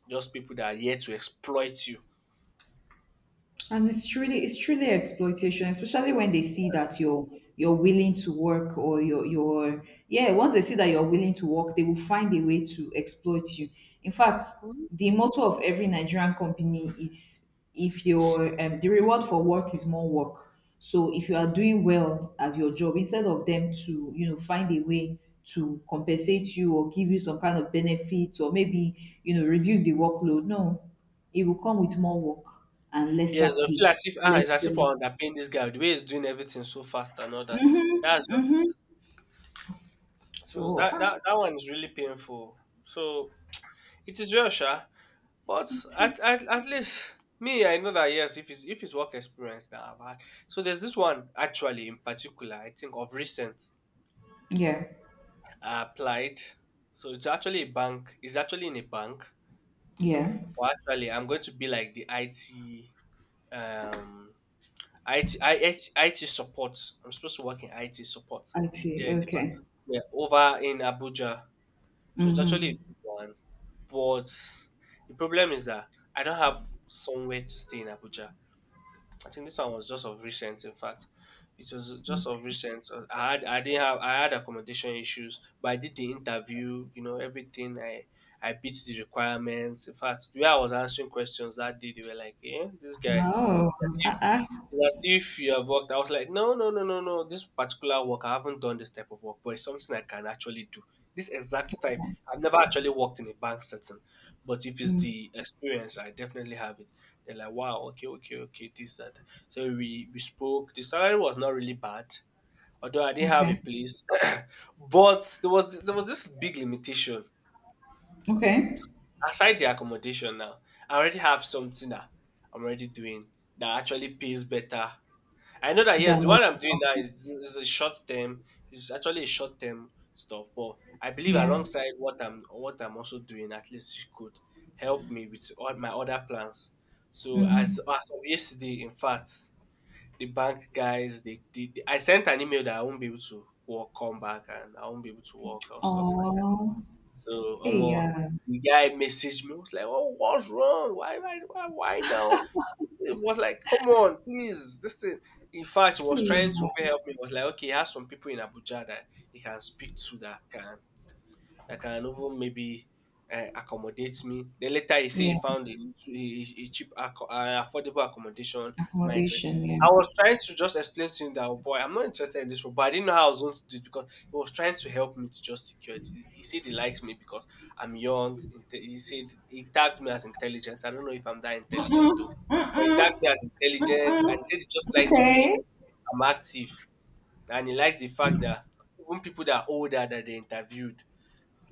B: just people that are here to exploit you.
A: And it's truly exploitation, especially when they see that you're willing to work or you're yeah, once they see that you're willing to work, they will find a way to exploit you. In fact,
B: Mhm.
A: the motto of every Nigerian company is if you're the reward for work is more work. So if you are doing well at your job, instead of them to, find a way to compensate you or give you some kind of benefits or maybe, reduce the workload. No. It will come with more work and
B: Yes,
A: lesser
B: I feel
A: pay,
B: as if ah,
A: less
B: it's as if we're
A: benefits.
B: underpaying this guy the way he's doing everything so fast and all that. That's just so
A: So
B: that, that that one is really painful. So it is real, sure. But
A: it
B: at, at,
A: is.
B: at least me, I know that yes, if it's work experience that I've had. So there's this one actually in particular, I think of recent
A: Yeah,
B: I applied. So it's actually a bank. It's actually in a bank.
A: yeah.
B: But actually I'm going to be like the IT um IT, IT, IT support. I'm supposed to work in IT support
A: I see.
B: there in the bank.
A: Okay.
B: Yeah, over in Abuja. So it's actually a
A: Mm-hmm.
B: good one. But the problem is that I don't have somewhere to stay in Abuja. I think this one was just of recent. In fact, it was just of recent. I had I didn't have I had accommodation issues, but I did the interview. You know everything. I beat the requirements. In fact, the way I was answering questions that day, they were like, "Yeah, this guy."
A: Oh, ah, ah.
B: It's as if you have worked. I was like, no, no, no, no, no. This particular work, I haven't done this type of work, but it's something I can actually do. This exact type, I've never actually worked in a bank setting, but if it's the experience, I definitely have it. They're like, wow, okay, okay, okay, this, that. So we spoke. The salary was not really bad, although I didn't have
A: Okay,
B: a place, but there was this big limitation.
A: okay.
B: Aside the accommodation, now I already have something that I'm already doing that actually pays better. I know that yes,
A: That
B: the one
A: was
B: I'm doing now
A: okay.
B: is a short term. It's actually a short term stuff, but I believe
A: Yeah.
B: alongside what I'm also doing, at least it could help me with all my other plans. So
A: Mm-hmm.
B: as of yesterday, in fact, the bank guys, I sent an email that I won't be able to work, come back, and I won't be able to work or stuff like
A: Oh,
B: so Omo,
A: yeah,
B: the guy messaged me, was like, "Oh, what's wrong? Why now?" It was like, "Come on, please, this thing." In fact, he was trying
A: yeah,
B: to even help me. He was like, "Okay, he has some people in Abuja that he can speak to that can even maybe accommodate me. Then later he said he
A: yeah.
B: found a, a cheap, affordable accommodation. Am I interested?
A: Accommodation. Yeah.
B: I was trying to just explain to him that, oh boy, I'm not interested in this, one," but I didn't know how I was going to do it because he was trying to help me to just secure it. He said he likes me because I'm young. He said he tagged me as intelligent. I don't know if I'm that intelligent though, but he tagged me as intelligent and he said he just likes the way
A: Okay.
B: I'm active and he likes the fact that even people that are older that they interviewed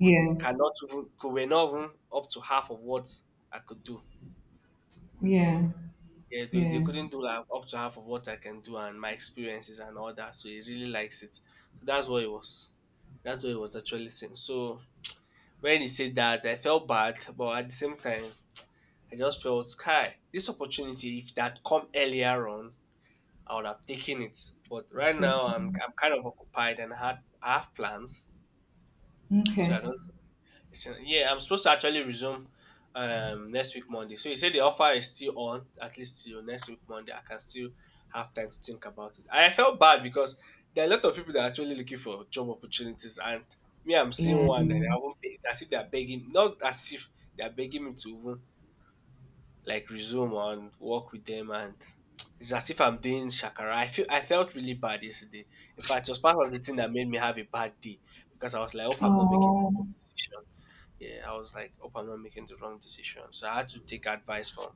B: could cannot even could were not even up to half of what I could do.
A: yeah,
B: Yeah, they
A: yeah.
B: couldn't do like up to half of what I can do and my experiences and all that. So he really likes it. So that's what it was. That's what it was actually saying. So when he said that, I felt bad, but at the same time, I just felt sky. This opportunity, if that come earlier on, I would have taken it. But right now, I'm
A: Taken.
B: I'm kind of occupied and I have plans, so I
A: Okay.
B: don't So, yeah, I'm supposed to actually resume next week Monday. So you say the offer is still on, at least till next week Monday. I can still have time to think about it. I felt bad because there are a lot of people that are actually looking for job opportunities and me I'm seeing
A: Yeah.
B: one that I haven't paid as if they are begging not as if they are begging me to even like resume and work with them and it's as if I'm doing shakara. I felt really bad yesterday. In fact, it was part of the thing that made me have a bad day because I was like, hope I'm not making the wrong
A: Oh.
B: decision yeah, I was like, hope I'm not making the wrong decision. So I had to take advice from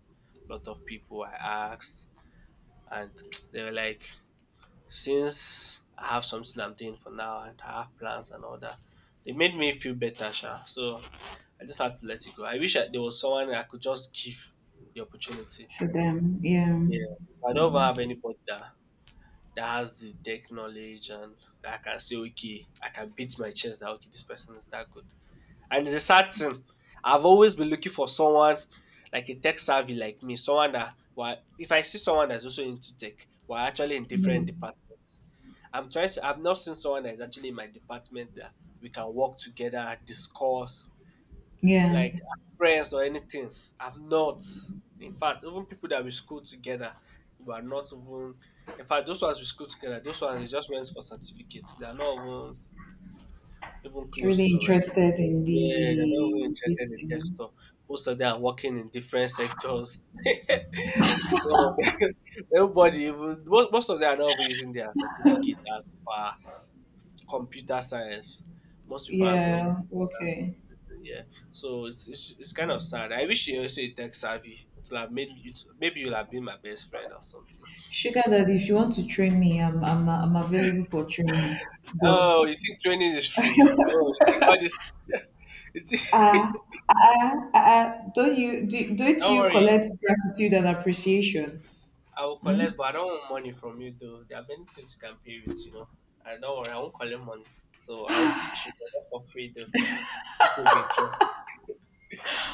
B: a lot of people I asked, and they were like, since I have something I'm doing for now and I have plans and all that, they made me feel better, Sha. So I just had to let it go. I wish there was someone I could just give the opportunity.
A: To them. Yeah.
B: Yeah, I don't even
A: Mm.
B: have anybody that has the tech knowledge and that I can say, okay, I can beat my chest that okay, this person is that good. And it's a sad thing. I've always been looking for someone like a tech savvy like me, someone that well, if I see someone that's also into tech, we're actually in
A: Yeah.
B: different departments. I'm trying to I've not seen someone that's actually in my department that we can work together, discuss,
A: Yeah.
B: like as friends or anything. I've not. In fact, even people that we school together, we are not even in fact those ones we school together, those ones they just went for certificates. They are not even even close
A: Really
B: to
A: interested in
B: yeah, they're not even
A: the
B: interested
A: this
B: in
A: you know.
B: tech stuff. Most of them are working in different sectors. Some of them, nobody even, most of them are not even using their certificate as per computer science. Most people are going,
A: Yeah. Okay.
B: yeah. So, it's kind of sad. I wish you were say tech savvy. It would have made you, maybe you'll have been my best friend or something.
A: Sugar Daddy, if you want to train me, I'm available for training.
B: Oh, you
A: Boss.
B: think training is free? Oh, you think all this? you
A: Ah.
B: think-
A: Ah, ah, ah, don't
B: Don't
A: you
B: worry.
A: collect gratitude and appreciation?
B: I will collect, but I don't want money from you though. There are many things you can pay with, you know. I don't worry, I won't collect money. So I'll teach you but not for free though. It will be interesting.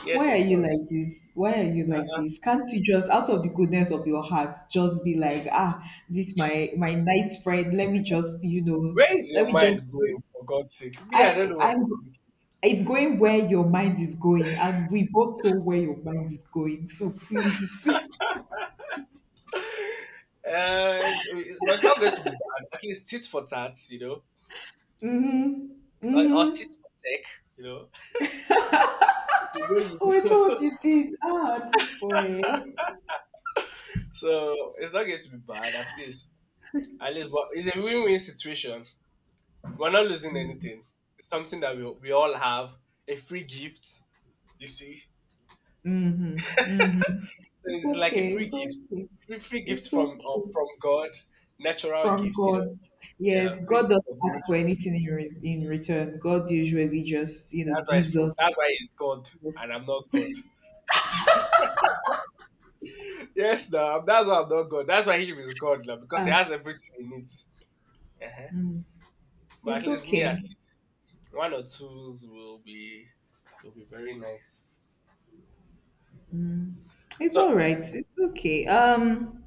B: Yes,
A: Why are
B: of
A: you
B: course.
A: like this? Why are you
B: Uh,
A: like
B: uh,
A: this? Can't you just out of the goodness of your heart just be like, this my nice friend. Let me just you know,
B: where is
A: let me
B: your
A: just
B: mind
A: do
B: going for God's sake? Me, I don't
A: I
B: know what
A: I'm
B: you're thinking.
A: it's going where your mind is going, and we both know where your mind is going. So please.
B: Uh, it- but it's not going to be bad. At least tit for tat, you know, or tit
A: Mhm.
B: for tech, you know. You know,
A: Oh, I
B: you
A: saw what you did. Ah, this boy.
B: so it's not going to be bad. At least, but it's a win-win situation. We're not losing anything. It's something that we all have a free gift You see? So
A: It's
B: it's like a
A: okay.
B: free
A: It's
B: gift,
A: okay.
B: free gift
A: It's okay.
B: from God, natural
A: From
B: gifts, you know.
A: God.
B: Yeah,
A: Yes,
B: free
A: God
B: gift
A: doesn't
B: of
A: ask for
B: nature.
A: anything in return. God usually just, you know,
B: That's why it's
A: gives
B: from.
A: us.
B: That's why he's God, and
A: Yes.
B: I'm not God. Yes, now that's why I'm not God. That's why he is God, now because he
A: Ah,
B: has everything he needs. Uh-huh. But
A: it's
B: at least me, at
A: okay.
B: least one or twos will be very nice.
A: It's all
B: So
A: right. It's okay.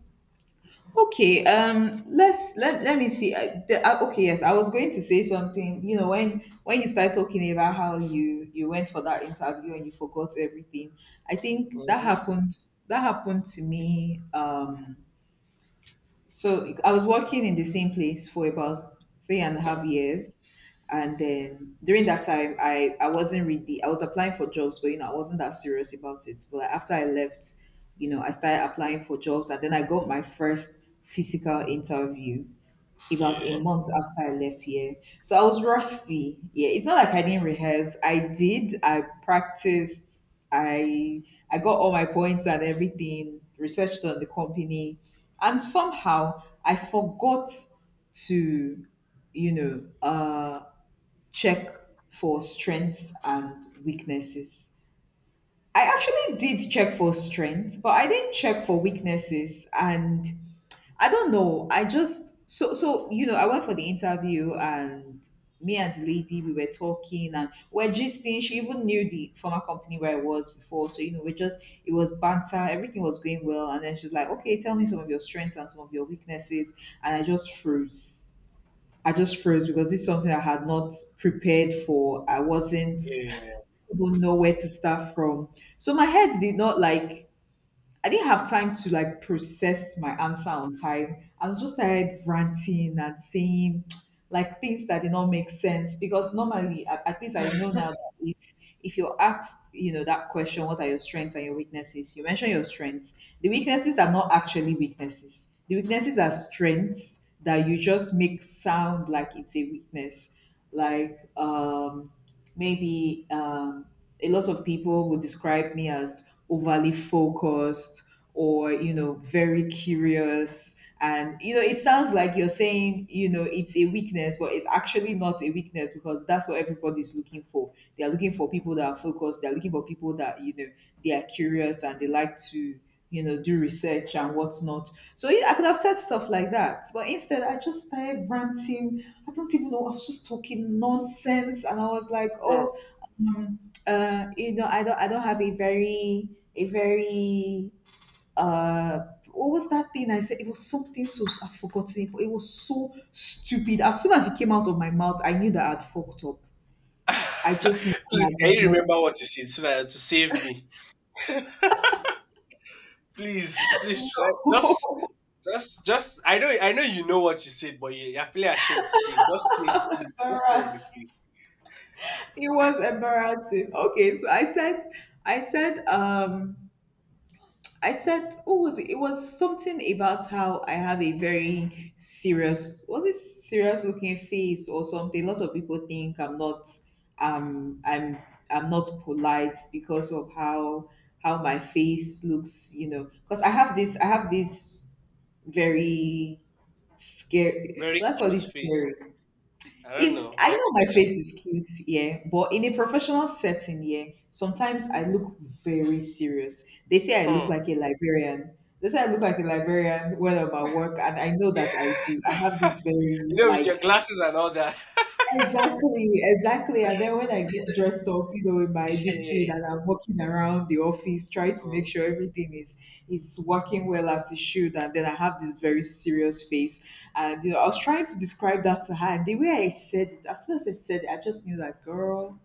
A: okay, let's let, let me see. Okay, yes, I was going to say something. You know, when you start talking about how you you went for that interview and you forgot everything, I think that
B: mhm.
A: happened. That happened to me. So I was working in the same place for about 3.5 years. And then during that time, I wasn't really, I was applying for jobs, but you know, I wasn't that serious about it. But after I left, I started applying for jobs and then I got my first physical interview about a
B: yeah,
A: month after I left here. So I was rusty. Yeah, it's not like I didn't rehearse. I did. I practiced. I I got all my points and everything, researched on the company, and somehow I forgot to, you know, uh check for strengths and weaknesses. I actually did check for strengths, but I didn't check for weaknesses and I don't know. I just so so you know, I went for the interview and me and the lady we were talking and we're gisting. She even knew the former company where I was before. So, you know, we just it was banter, everything was going well, and then she's like, "Okay, tell me some of your strengths and some of your weaknesses," and I just froze. I just froze because this is something I had not prepared for. I wasn't.
B: yeah.
A: I not know where to start from. So my head did not like, I didn't have time to like process my answer on time. I was just started ranting and saying like things that did not make sense because normally, at least I know now that if you're asked, that question, what are your strengths and your weaknesses? You mention your strengths. The weaknesses are not actually weaknesses. The weaknesses are strengths that you just make sound like it's a weakness. Like maybe a lot of people would describe me as overly focused or very curious and it sounds like you're saying it's a weakness but it's actually not a weakness because that's what everybody's looking for. They are looking for people that are focused. They're looking for people that they are curious and they like to do research and whatnot. So yeah, I could have said stuff like that but instead I just started ranting. I don't even know. I was just talking nonsense and I was like,
B: Mm.
A: oh, um, I don't I don't have a very a very uh what was that thing I said? It was something, so I've forgotten it, but it was so stupid. As soon as it came out of my mouth, I knew that I'd fucked up. I just knew I
B: please, can
A: had
B: you
A: messed
B: remember what you
A: up.
B: said so that to save me? Please, please try. Just just I know you know what you said, but you're feeling ashamed to say. It. Just say it, please. Just tell me,
A: Embarrassed.
B: please.
A: It was embarrassing. Okay, so I said, I said, um, what was it? It was something about how I have a very serious, was it serious looking face or something? A lot of people think um, I'm, I'm not polite because of how my face looks, you know, because I have this very scary,
B: Very
A: what I call
B: cute
A: this
B: face.
A: scary.
B: I don't
A: Is
B: know,
A: I
B: but
A: know my
B: the picture,
A: face is cute, yeah, but in a professional setting, yeah, sometimes I look very serious. They say I look
B: hmm.
A: like a librarian. They say I look like a librarian when I'm at work, and I know
B: you
A: that I do. I have this very
B: know, with
A: like
B: your glasses and all that.
A: Exactly, exactly. And then when I get dressed up, in my this thing,
B: Hey,
A: and I'm walking around the office trying to make
B: hmm.
A: sure everything is working well as it should, and then I have this very serious face, and I was trying to describe that to her, and the way I said it, as soon as I said it, I just knew that girl,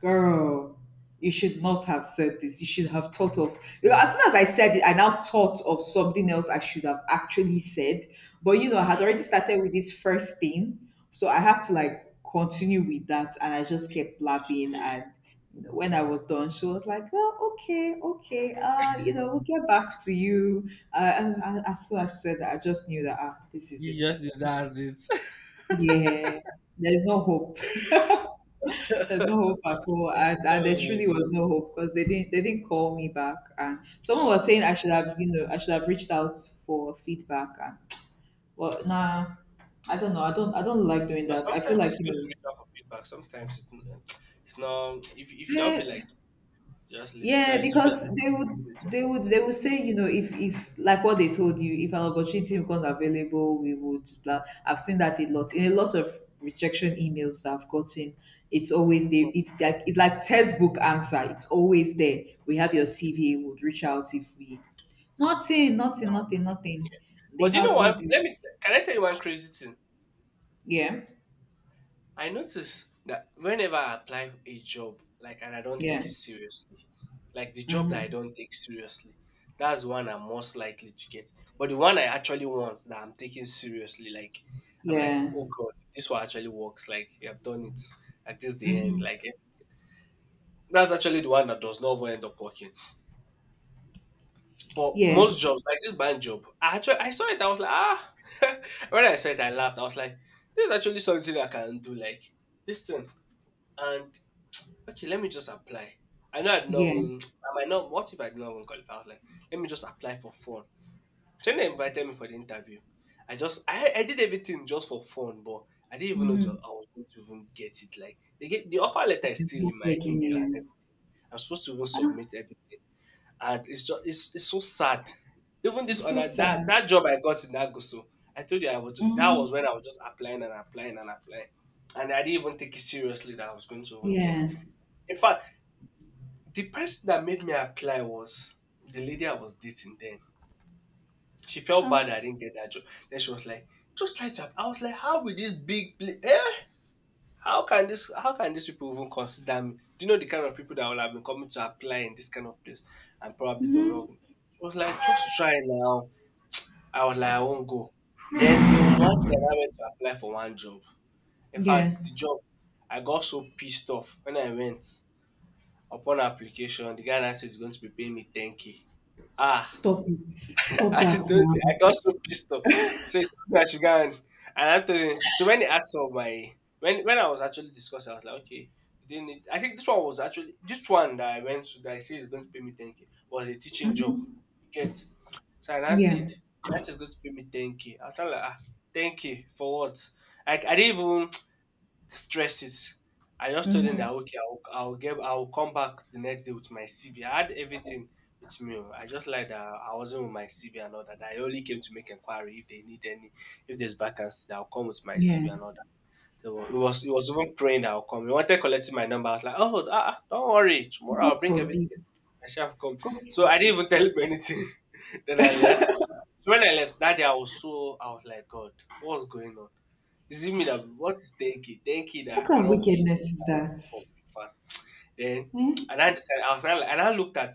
A: girl, you should not have said this. You should have thought of, because as soon as I said it, I now thought of something else I should have actually said. But you know, I
B: Yeah.
A: had already started with this first thing, so I had to like continue with that, and I just kept blabbing. And you know, when I was done, she was like, "Well, okay, okay, you know, we'll get back to you." And as soon as she said that, I just knew that ah, this is
B: You
A: it.
B: just
A: This,
B: that's it.
A: yeah, there is no hope. There's no hope at all, and there
B: oh
A: truly
B: my
A: was
B: god.
A: no hope because they didn't call me back, and someone was
B: Oh,
A: saying I
B: that.
A: should have you know I should have reached out for feedback, and well nah, I don't know I don't like doing
B: Now,
A: that. I feel
B: sometimes
A: like
B: it's
A: you
B: good to
A: know.
B: reach out for feedback. Sometimes it's not. If you don't
A: Yeah,
B: feel like, it, just leave it. So
A: yeah,
B: it should be
A: because
B: as good
A: they
B: as
A: would
B: possible or
A: they would
B: something.
A: they would say, you know, if like what they told you, if an opportunity becomes available, we would blah. I've seen that a lot in a lot of rejection emails that I've gotten. It's always they
B: But
A: it's like textbook answer. It's always there. We have your CV, would reach out if we nothing,
B: yeah,
A: nothing,
B: I
A: nothing,
B: agree.
A: nothing. They
B: But you know
A: hardly
B: what?
A: do.
B: Let me. Can I tell you one crazy thing?
A: Yeah.
B: I notice that whenever I apply for a job, like, and I don't take
A: Yeah.
B: it seriously, like the job that I
A: Mm-hmm.
B: don't take seriously, that's one I'm most likely to get. But the one I actually want that I'm taking seriously, like, I'm like,
A: Yeah.
B: oh God, this one actually works. Like, you have done it. Like, this is the end. Like, eh, that's actually the one that does not even end up working. But
A: Yeah.
B: most jobs, like this bank job, I saw it. I was like, ah. when I saw it, I laughed. I was like, this is actually something I can do. Like, this thing. And Okay, let me just apply. I know I'd not
A: Yeah.
B: even, I might not, what if I did not even qualify? I was like, let me just apply for fun. So when they invited me for the interview, I did everything just for fun, but I didn't even know to,
A: Mm-hmm.
B: I was going to even get it. Like, they get, the offer letter is
A: And
B: still
A: they're
B: in my
A: begging
B: email and
A: you.
B: everything. I'm supposed to even
A: Ah,
B: submit everything. And it's so sad. Even this
A: it's so
B: other,
A: sad.
B: that job I got in Aguso, I told you I was, that
A: Mm-hmm.
B: was when I was just applying and applying and applying. And I didn't even take it seriously that I was going to even get.
A: Yeah,
B: In fact, the person that made me apply was the lady I was dating then. She felt bad I didn't get that job. Then she was like, just try to app-" I was like, how will this big pla- eh? How can these people even consider me? Do you know the kind of people that will have been coming to apply in this kind of place and probably don't know? Me? She was like, just try now. I was like, I won't go. Then there was one day that I went to apply for one job. In
A: yeah.
B: fact, the job I got so pissed off when I went upon application. The guy now said he's going to be paying me 10k. Ah,
A: Stop it. Stop
B: I
A: that
B: told you, I
A: now.
B: got so pissed off. So he told me I should go and I told him. So when he asked for my, when I was actually discussing, I was like, okay, you didn't need, I think this one was actually, this one that I went to that I said is going to pay me 10K was a teaching job. You Get. So and I now
A: Yeah.
B: said, that's just going to pay me 10K. I was kinda like, ah, 10K for what? Like, I didn't even, stress it. I just told them
A: Mm-hmm.
B: that okay, I'll get, I'll come back the next day with my CV. I had everything with me. Oh. I just like that I wasn't with my CV and all that. I only came to make inquiry if they need any, if there's vacancy, that I'll come with my
A: Yeah.
B: CV and all that. So it was even praying that I'll come. He wanted collecting my number. I was like, oh, don't worry, tomorrow
A: God
B: I'll bring
A: forbid.
B: everything. I shall have come.
A: God
B: So I didn't
A: forbid.
B: even tell him anything. Then I left. So when I left that day, I was like, God, what's going on? Is it me that what is 10K? 10K that
A: What
B: I
A: kind of
B: cannot even eat
A: wickedness is that?
B: for breakfast. Then
A: Eh?
B: and I decided I was now like, and I looked at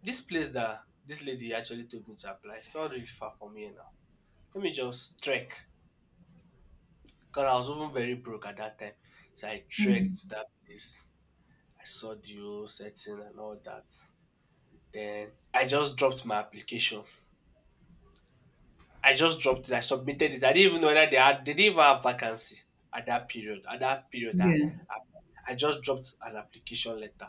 B: this place that this lady actually told me to apply. It's not really far from here now. Let me just trek. Because I was even very broke at that time. So I trekked
A: Mm.
B: to that place. I saw the whole setting and all that. Then I just dropped my application. I just dropped it. I submitted it. I didn't even know whether they didn't even have vacancy at that period. At that period,
A: Yeah.
B: I I just dropped an application letter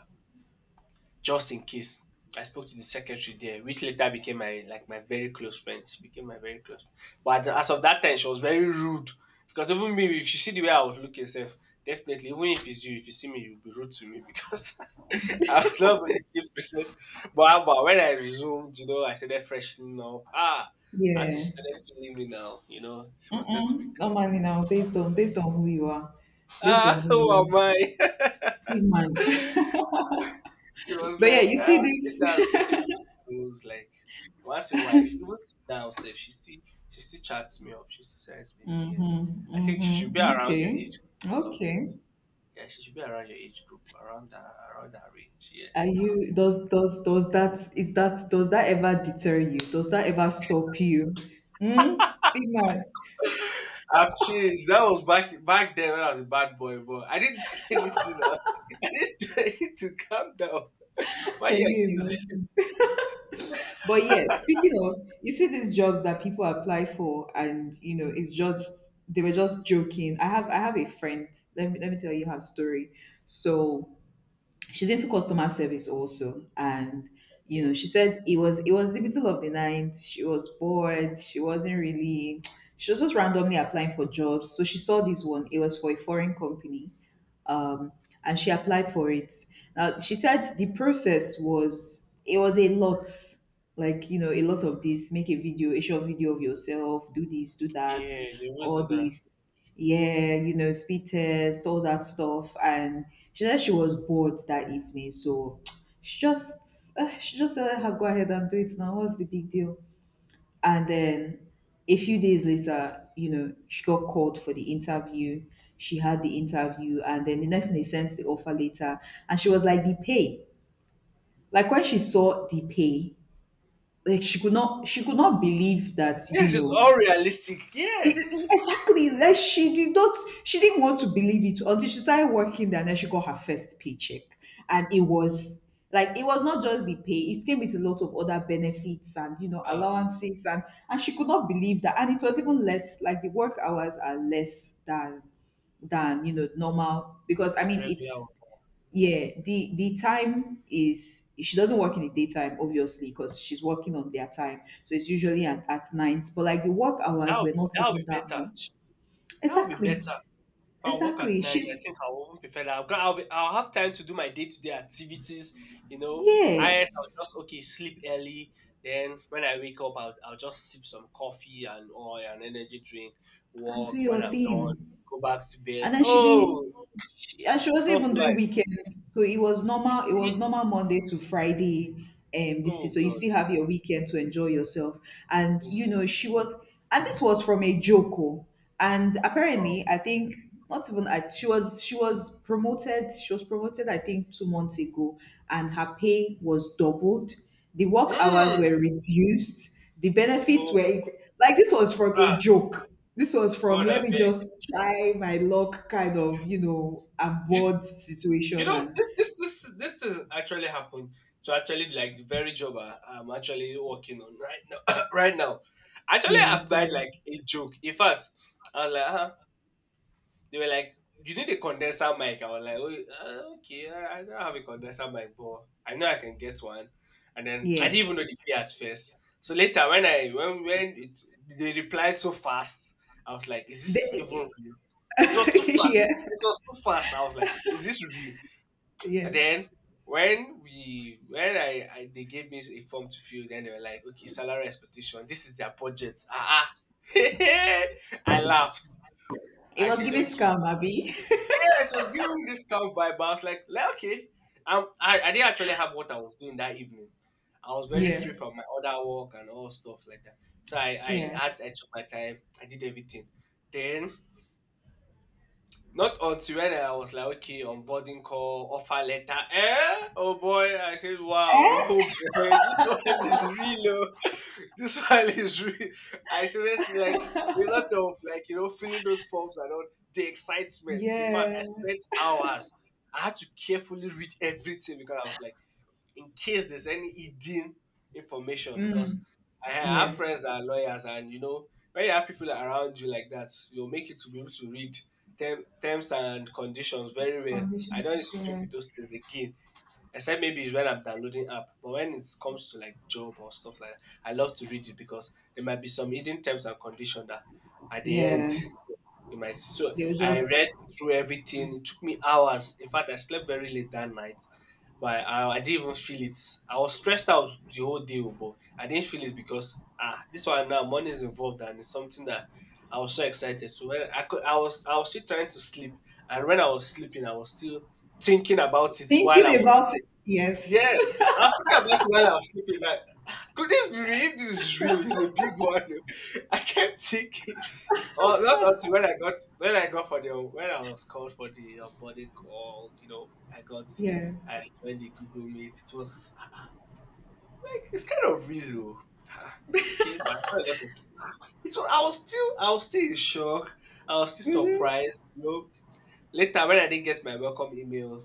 B: just in case. I spoke to the secretary there, which later became my very close friend. She became my very close. But as of that time, she was very rude because even me, if she see the way I was looking, self definitely, even if it's you, if you see me, you'll be rude to me because I was not really keep percent. But when I resumed, you know, I started freshening up. Ah, after she
A: Yeah.
B: started feeling me now, you know, she wanted to be
A: Mm-mm. Not
B: close to
A: money
B: me.
A: now, based on based on who you are. Based on
B: Ah,
A: who
B: who
A: you are.
B: am I?
A: Big man.
B: She was
A: But yeah,
B: like,
A: you
B: ah,
A: see
B: later
A: this.
B: we became so close. Like once in a while, she, even now, self, she still chats me up. She still sends me a DM.
A: Mm-hmm.
B: I think she should be
A: Mm-hmm.
B: around your
A: Okay.
B: age group or something.
A: Okay.
B: Yeah, she should be around your age group, around that range. Yeah,
A: Are you does does that is that does that ever deter you? Does that ever stop you? Hmm? Big man,
B: I've changed. That was back then when I was a bad boy, but I didn't do anything. Now, I didn't do anything. Calm down. Why
A: can
B: you
A: you
B: accusing?
A: imagine? But yeah, speaking of, you see these jobs that people apply for, and you know, it's just they were just joking. I have a friend. Let me tell you her story. So she's into customer service also and you know
B: Okay.
A: she said it was the middle of the night, she was bored, she wasn't really, she was just randomly applying for jobs, so she saw this one, it was for a foreign company, um, and she applied for it. Now she said the process was it was a lot, like you know, a lot of this. Make a video, a short video of yourself. Do this, do that,
B: Yeah, they always
A: all
B: do that.
A: these. Yeah, you know, speed test, all that stuff. And she said she was bored that evening, so she just said, "Ah, go ahead and do it now. What's the big deal?" And then a few days later, you know, she got called for the interview. She had the interview, and then the next thing they sent the offer later, and she was like, "The pay." Like when she saw the pay, like she could not believe that you
B: Yes, it's
A: know.
B: all realistic.
A: E-
B: Yeah.
A: e- exactly, like she did not, she didn't want to believe it until she started working there, and then she got her first paycheck, and it was like, it was not just the pay, it came with a lot of other benefits and you know
B: Uh,
A: allowances and she could not believe that, and it was even less, like the work hours are less than you know normal because I mean
B: regular one.
A: it's yeah, the time is she doesn't work in the daytime, obviously, because she's working on their time. So it's usually at night. But like the work
B: That
A: hours
B: would
A: were
B: be,
A: not
B: that would
A: even
B: be
A: that
B: better.
A: much.
B: That would be better.
A: Exactly.
B: If I work
A: Exactly.
B: at night, I
A: She's
B: think I will even prefer that. I'll have time to do my day to day activities. You know,
A: yeah.
B: IS, I'll just, okay, sleep early. Then when I wake up, I'll just sip some coffee and or an energy drink,
A: And do
B: walk when
A: your
B: I'm done,
A: thing.
B: go back to bed.
A: And then she did
B: Oh,
A: she, and she wasn't
B: soft
A: even doing
B: life.
A: weekends. So
B: You
A: it was
B: see?
A: normal Monday to Friday. This is
B: Oh,
A: so you
B: God.
A: still have your weekend to enjoy yourself. And
B: You
A: you
B: see?
A: know, she was and this was from a Joko. And
B: Wow.
A: apparently, I think not even I, she was she was promoted, I think 2 months ago, and her pay was doubled. The work hours were
B: Mm.
A: reduced. The benefits
B: Oh,
A: were
B: my
A: incre- like this was from a
B: God.
A: joke. This was from
B: God, I
A: let me
B: beg.
A: just try my luck kind of, you know,
B: You,
A: abroad
B: You
A: situation
B: know,
A: and
B: this thing actually happened to actually like the very job I'm actually working on right now. Right now, actually
A: yeah,
B: I applied
A: sorry.
B: like a joke. In fact, I was like, huh? They were like, you need a condenser mic. I was like, oh, okay, I don't have a condenser mic, but I know I can get one. And then I
A: Yeah.
B: didn't even know the pay at first. So later, when I when it, they replied so fast, I was like, is this even
A: They,
B: real? It was too fast.
A: yeah.
B: It was too fast. I was like, is this real? And
A: Yeah.
B: then when we when I they gave me a form to fill, then they were like, okay, salary expectation. This is their budget. Ah. I laughed.
A: It
B: I
A: was
B: said,
A: giving
B: okay.
A: scam, Abby.
B: Yes, I was giving me this calm vibe. I was like okay. I didn't actually have what I was doing that evening. I was very
A: Yeah.
B: free from my other work and all stuff like that. So
A: Yeah.
B: I took my time. I did everything. Then not until when I was like, okay, onboarding call, offer letter. Eh? Oh boy, I said, wow, oh boy, this one is real. Oh. This one is real. I said, it's like a lot of like, you know, filling those forms and all the excitement. In fact,
A: Yeah.
B: I spent hours. I had to carefully read everything because I was like, in case there's any hidden information because I have
A: Yeah.
B: friends that are lawyers and you know when you have people around you like that, you'll make you to be able to read terms and conditions very well. I
A: Foundation.
B: don't used to joke
A: Yeah.
B: with those things again, except maybe it's when I'm downloading app. But when it comes to like job or stuff like that, I love to read it because there might be some hidden terms and conditions that at the end
A: Yeah.
B: so
A: They were
B: I read
A: just
B: through everything. It took me hours. In fact, I slept very late that night, but I didn't even feel it. I was stressed out the whole day, oh, but I didn't feel it because ah, this one now money is involved and it's something that I was so excited. So I was still trying to sleep, and when I was sleeping, I was still thinking about it while I
A: thinking
B: was.
A: about it. Yes.
B: Yes, I'm thinking about it while I'm sleeping. Like, could this be real? If this is real, it's a big one. I kept thinking. Oh, not until when I got for the when I was called for the onboarding call. You know, I got
A: yeah.
B: I joined the Google Meet. It was I'm like it's kind of real though. Ah, okay, but I got to, it was, I was still in shock. I was still
A: Mm-hmm.
B: surprised. You know, later when I didn't get my welcome email,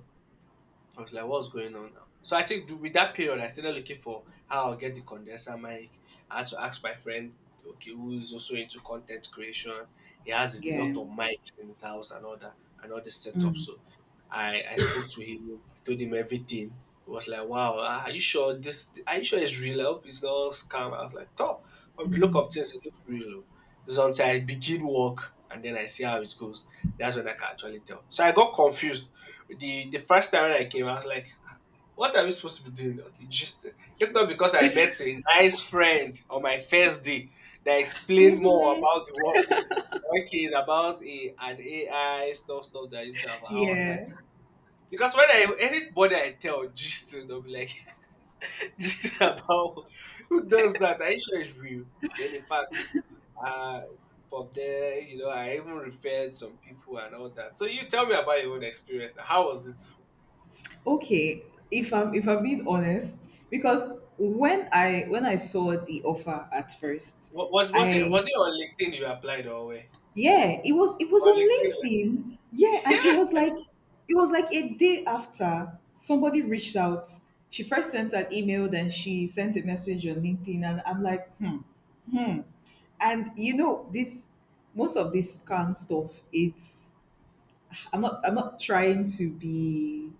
B: I was like, what's going on now? So I think with that period, I started looking for how I'll get the condenser mic. I had to ask my friend, okay, who's also into content creation. He has a
A: Yeah.
B: lot of mics in his house and all that, and all this setup.
A: Mm.
B: So I spoke to him. I told him everything. He was like, wow, ah, are you sure it's real? I hope it's not scam. I was like, oh, from the look of things, it looks real. Oh. It's until I begin work and then I see how it goes. That's when I can actually tell. So I got confused the first time when I came, I was like, what are we supposed to be doing? Okay, just if not because I met a nice friend on my first day that explained more about the work. Okay, it's about a an AI stuff that is now. I was like,
A: Yeah,
B: because when I anybody I tell just they'll be like just about who does that? Are you sure it's real? Then in fact, uh from there, you know, I even referred some people and all that. So you tell me about your own experience. How was it?
A: okay, if I'm being honest, because when I saw the offer at first, I
B: Was it on LinkedIn you applied or where?
A: yeah, it was
B: On
A: on
B: LinkedIn.
A: LinkedIn, yeah, and
B: Like—
A: it was like a day after somebody reached out, she first sent an email, then she sent a message on LinkedIn, and I'm like, hmm, hmm. And you know this, most of this scam stuff, it's, I'm not trying to be,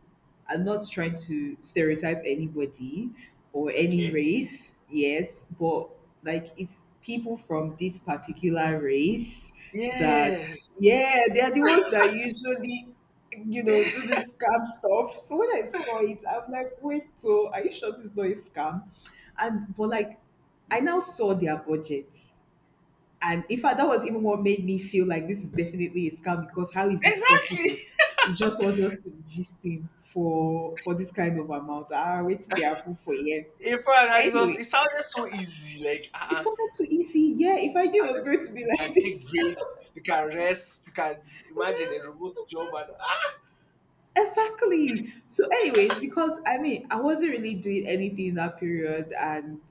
A: I'm not trying to stereotype anybody or any
B: okay.
A: race, yes, but like it's people from this particular race that
B: Yes.
A: yeah, they are the ones that usually you know do this scam stuff. So when I saw it, I'm like, wait, so are you sure this is not a scam? And but like I now saw their budget. And in fact, that was even what made me feel like this is definitely a scam because how is it
B: Exactly.
A: possible? You just want us to gist him for this kind of amount. Ah, wait till they approve for a year.
B: In fact,
A: Anyway,
B: it sounded so easy. Like,
A: it's
B: uh-uh, it
A: something too easy. Yeah, if I knew it was
B: sounded so
A: going to
B: easy.
A: be
B: You can
A: like
B: take
A: this.
B: break, you can rest, you can imagine a remote job and ah.
A: Exactly. So, anyways, because I mean, I wasn't really doing anything in that period, and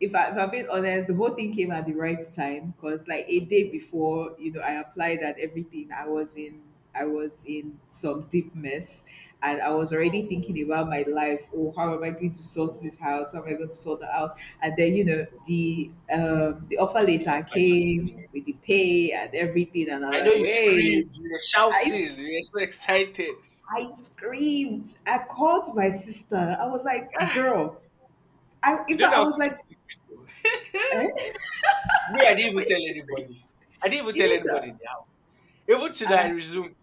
A: if I'm being honest, the whole thing came at the right time because, like, a day
B: Okay.
A: before, you know, I applied and everything, I was in some deep mess, and I was already
B: Oh,
A: thinking about my life. Oh, how am I going to sort
B: oh.
A: this out? How am I going to sort that out? And then, you know, the offer
B: The
A: letter
B: offer just came.
A: came with the pay and everything, and I'm
B: I
A: like,
B: know you
A: wait.
B: screamed, you were
A: I
B: shouting, you were so excited.
A: I screamed. I called my sister. I was like,
B: Ah,
A: girl. I
B: you
A: in
B: don't
A: fact
B: know
A: I
B: how
A: was
B: to keep
A: like,
B: secrets though.
A: eh?
B: Me, I
A: Keep
B: didn't
A: my
B: even tell
A: secret.
B: anybody. I didn't even
A: You
B: tell
A: need to
B: anybody now. Even till I
A: uh
B: resume,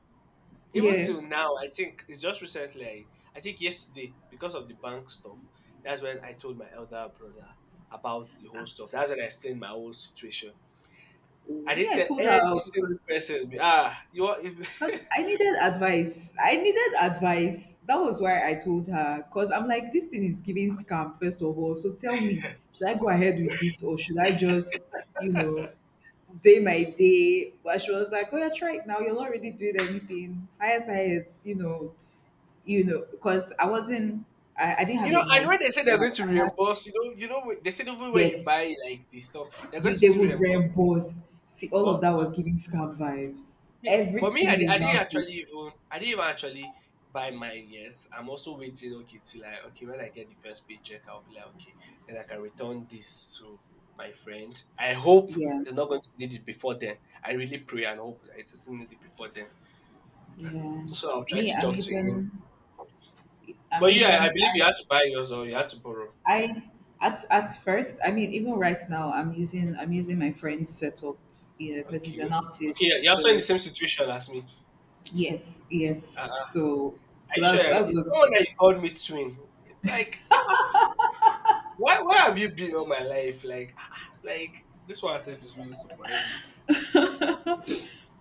B: even
A: yeah.
B: till now, I think it's just recently. I think yesterday because of the bank stuff. That's when I told my elder brother about the whole stuff. That's when I explained my whole situation. I
A: Me,
B: didn't
A: I
B: tell
A: told her
B: any single
A: because
B: person. Ah, you are, you
A: I needed advice. I needed advice. That was why I told her. Because I'm like, this thing is giving scam, first of all. So tell me, should I go ahead with this or should I just, you know, day my day? But she was like, oh yeah, try it now. You'll not really doing anything. Highest highest, you know, because I wasn't, I didn't have a
B: know, and
A: mic.
B: when they say they're
A: Like
B: going to
A: I had,
B: reimburse, you know, they said even when you buy
A: yes,
B: like the stuff, they're going
A: you
B: to
A: they
B: still
A: would
B: reimburse.
A: reimburse. See, all of
B: But
A: that was giving scam vibes.
B: yeah, but me,
A: Everything
B: I didn't
A: about it.
B: actually even— I didn't even actually buy mine yet. I'm also waiting. Okay, till I— okay, when I get the first paycheck, I'll be like okay, then I can return this to my friend. I hope
A: Yeah,
B: he's not going to need it before then. I really pray and hope that he doesn't need it before then.
A: yeah.
B: So I'll try
A: Me,
B: to talk to him.
A: I'm
B: But yeah, I
A: even,
B: believe you had to buy yours or you had to borrow.
A: I at first, I mean, even right now, I'm using my friend's setup, you know, because he's
B: Okay.
A: an artist.
B: Okay, you're also in the
A: So
B: same situation as me.
A: yes, yes.
B: Are
A: So so
B: you sure? You're not,
A: that's what.
B: someone that you called me twin. Like, why where have you been all my life? Like like this one itself is really surprising.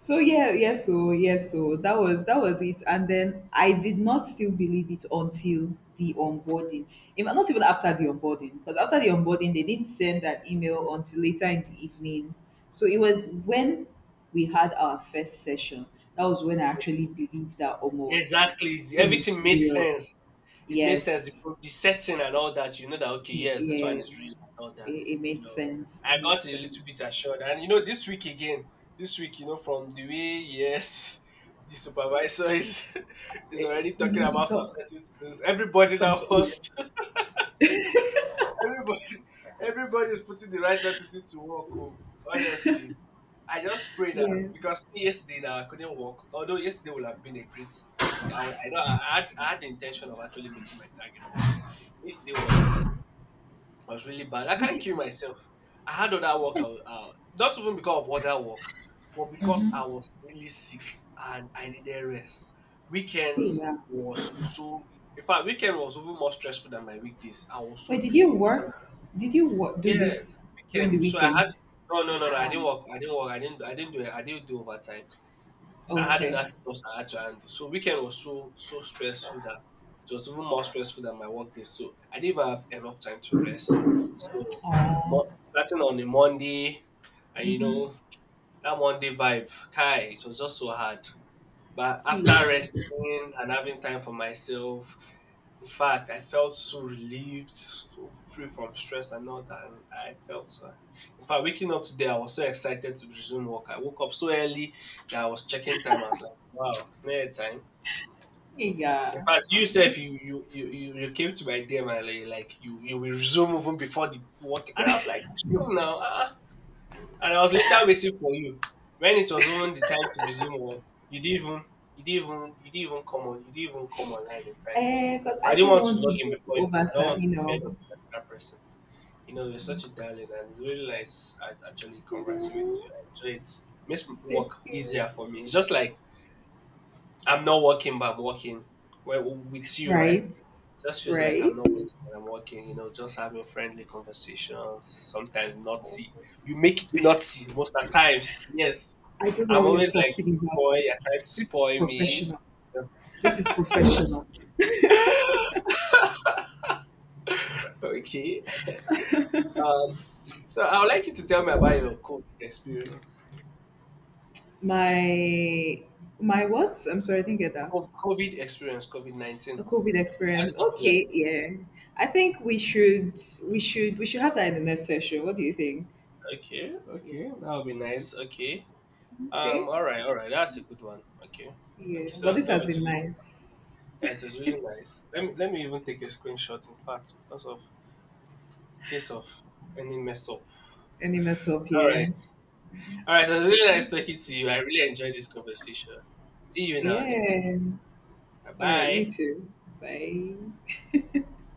A: So yeah, yes, so yes, so that was it. And then I did not still believe it until the onboarding. In fact, not even after the onboarding, because after the onboarding they didn't send that email until later in the evening. So it was when we had our first session. That was when I
B: Yeah,
A: actually believed that Omo
B: exactly.
A: thing is
B: Everything made
A: real.
B: sense. It made sense.
A: Yes.
B: The setting and all that. You know that okay,
A: The-
B: yes, this one
A: yeah.
B: is real and all that.
A: It
B: You
A: made
B: know,
A: sense.
B: I
A: It made
B: got a little bit
A: sense.
B: assured. And you know, this week again, this week, you know, from the way yes, the supervisor is is already talking about some certain things. Everybody now
A: Some, yeah.
B: wants everybody everybody is putting the right attitude to work. Oh, honestly. I just pray that
A: Yeah.
B: because yesterday now I couldn't walk. Although yesterday would have been a great, I would, I had the intention of actually meeting my target, but yesterday was really bad. I
A: Did
B: can't
A: you?
B: kill myself. I had other work, not even because of other work, but because I was really sick and I needed rest. Weekends
A: Yeah.
B: was so. In fact, weekend was even more stressful than my weekdays. I was so
A: Wait, did you
B: busy too.
A: work? Did you wo- do this
B: Yes,
A: during the
B: weekend. So I had.
A: weekend?
B: To, No, no, no, no. I didn't
A: Wow.
B: work. I didn't work. I didn't. I didn't do it. I didn't do overtime. I had
A: Okay.
B: other stuff I had to handle. So weekend was so stressful that it was even more stressful than my work day. So I didn't even have enough time to rest. So starting on a Monday, and you know that Monday vibe, Kai, it was just so hard. But
A: Hey,
B: after resting and having time for myself, in fact, I felt so relieved, so free from stress and all that. And I felt so. In fact, waking up today, I was so excited to resume work. I woke up so early that I was checking time. I was like, wow, it's near time.
A: hey,
B: In
A: yeah.
B: fact, you said you came to my DM and you will resume even before the work, and I was like, chill now. Ah, and I was later waiting for you. When it was even the time to resume work, you didn't even you didn't even you didn't even come on you didn't even come online in time.
A: Eh, because
B: But I
A: I
B: didn't
A: didn't
B: want to
A: want to
B: log in
A: go
B: before you
A: over
B: because I don't want to be
A: Sabino.
B: fed up with another person. You know, you're such a darling and it's really nice at actually conversing with
A: Mm,
B: you. I enjoy it. Makes m-
A: thank
B: work
A: you.
B: easier for me. It's just like I'm not working but I'm working well with you, right? It
A: Right,
B: just feels like I'm
A: right.
B: not working but I'm working, you know, just having friendly conversations, sometimes naughty, you make it naughty most of the times. Yes.
A: I don't know
B: I'm
A: what you're
B: always like,
A: talking about.
B: boy, you're trying to
A: This is
B: spoil me.
A: professional. This is professional.
B: Okay. So I would like you to tell me about your COVID experience.
A: My what? I'm sorry, I didn't get that.
B: COVID experience, COVID
A: The
B: 19.
A: COVID
B: How
A: experience.
B: did you feel
A: Okay,
B: like?
A: yeah. I think we should we should have that in the next session. What do you think?
B: Okay,
A: Yeah.
B: okay. That would be nice. Okay.
A: Okay.
B: All right, all right. That's a good one. Okay.
A: Yeah.
B: Okay, so
A: But
B: that's
A: this
B: not
A: has
B: be
A: been
B: too long.
A: nice.
B: Yeah, it was really nice. Let me even take a screenshot, in fact, because of in case of any mess up.
A: Any mess up
B: All right.
A: here?
B: All right, it was really
A: Okay.
B: nice talking to you. I really enjoyed this conversation. See you in our next.
A: Yeah. All right. You
B: Bye.
A: too. Bye.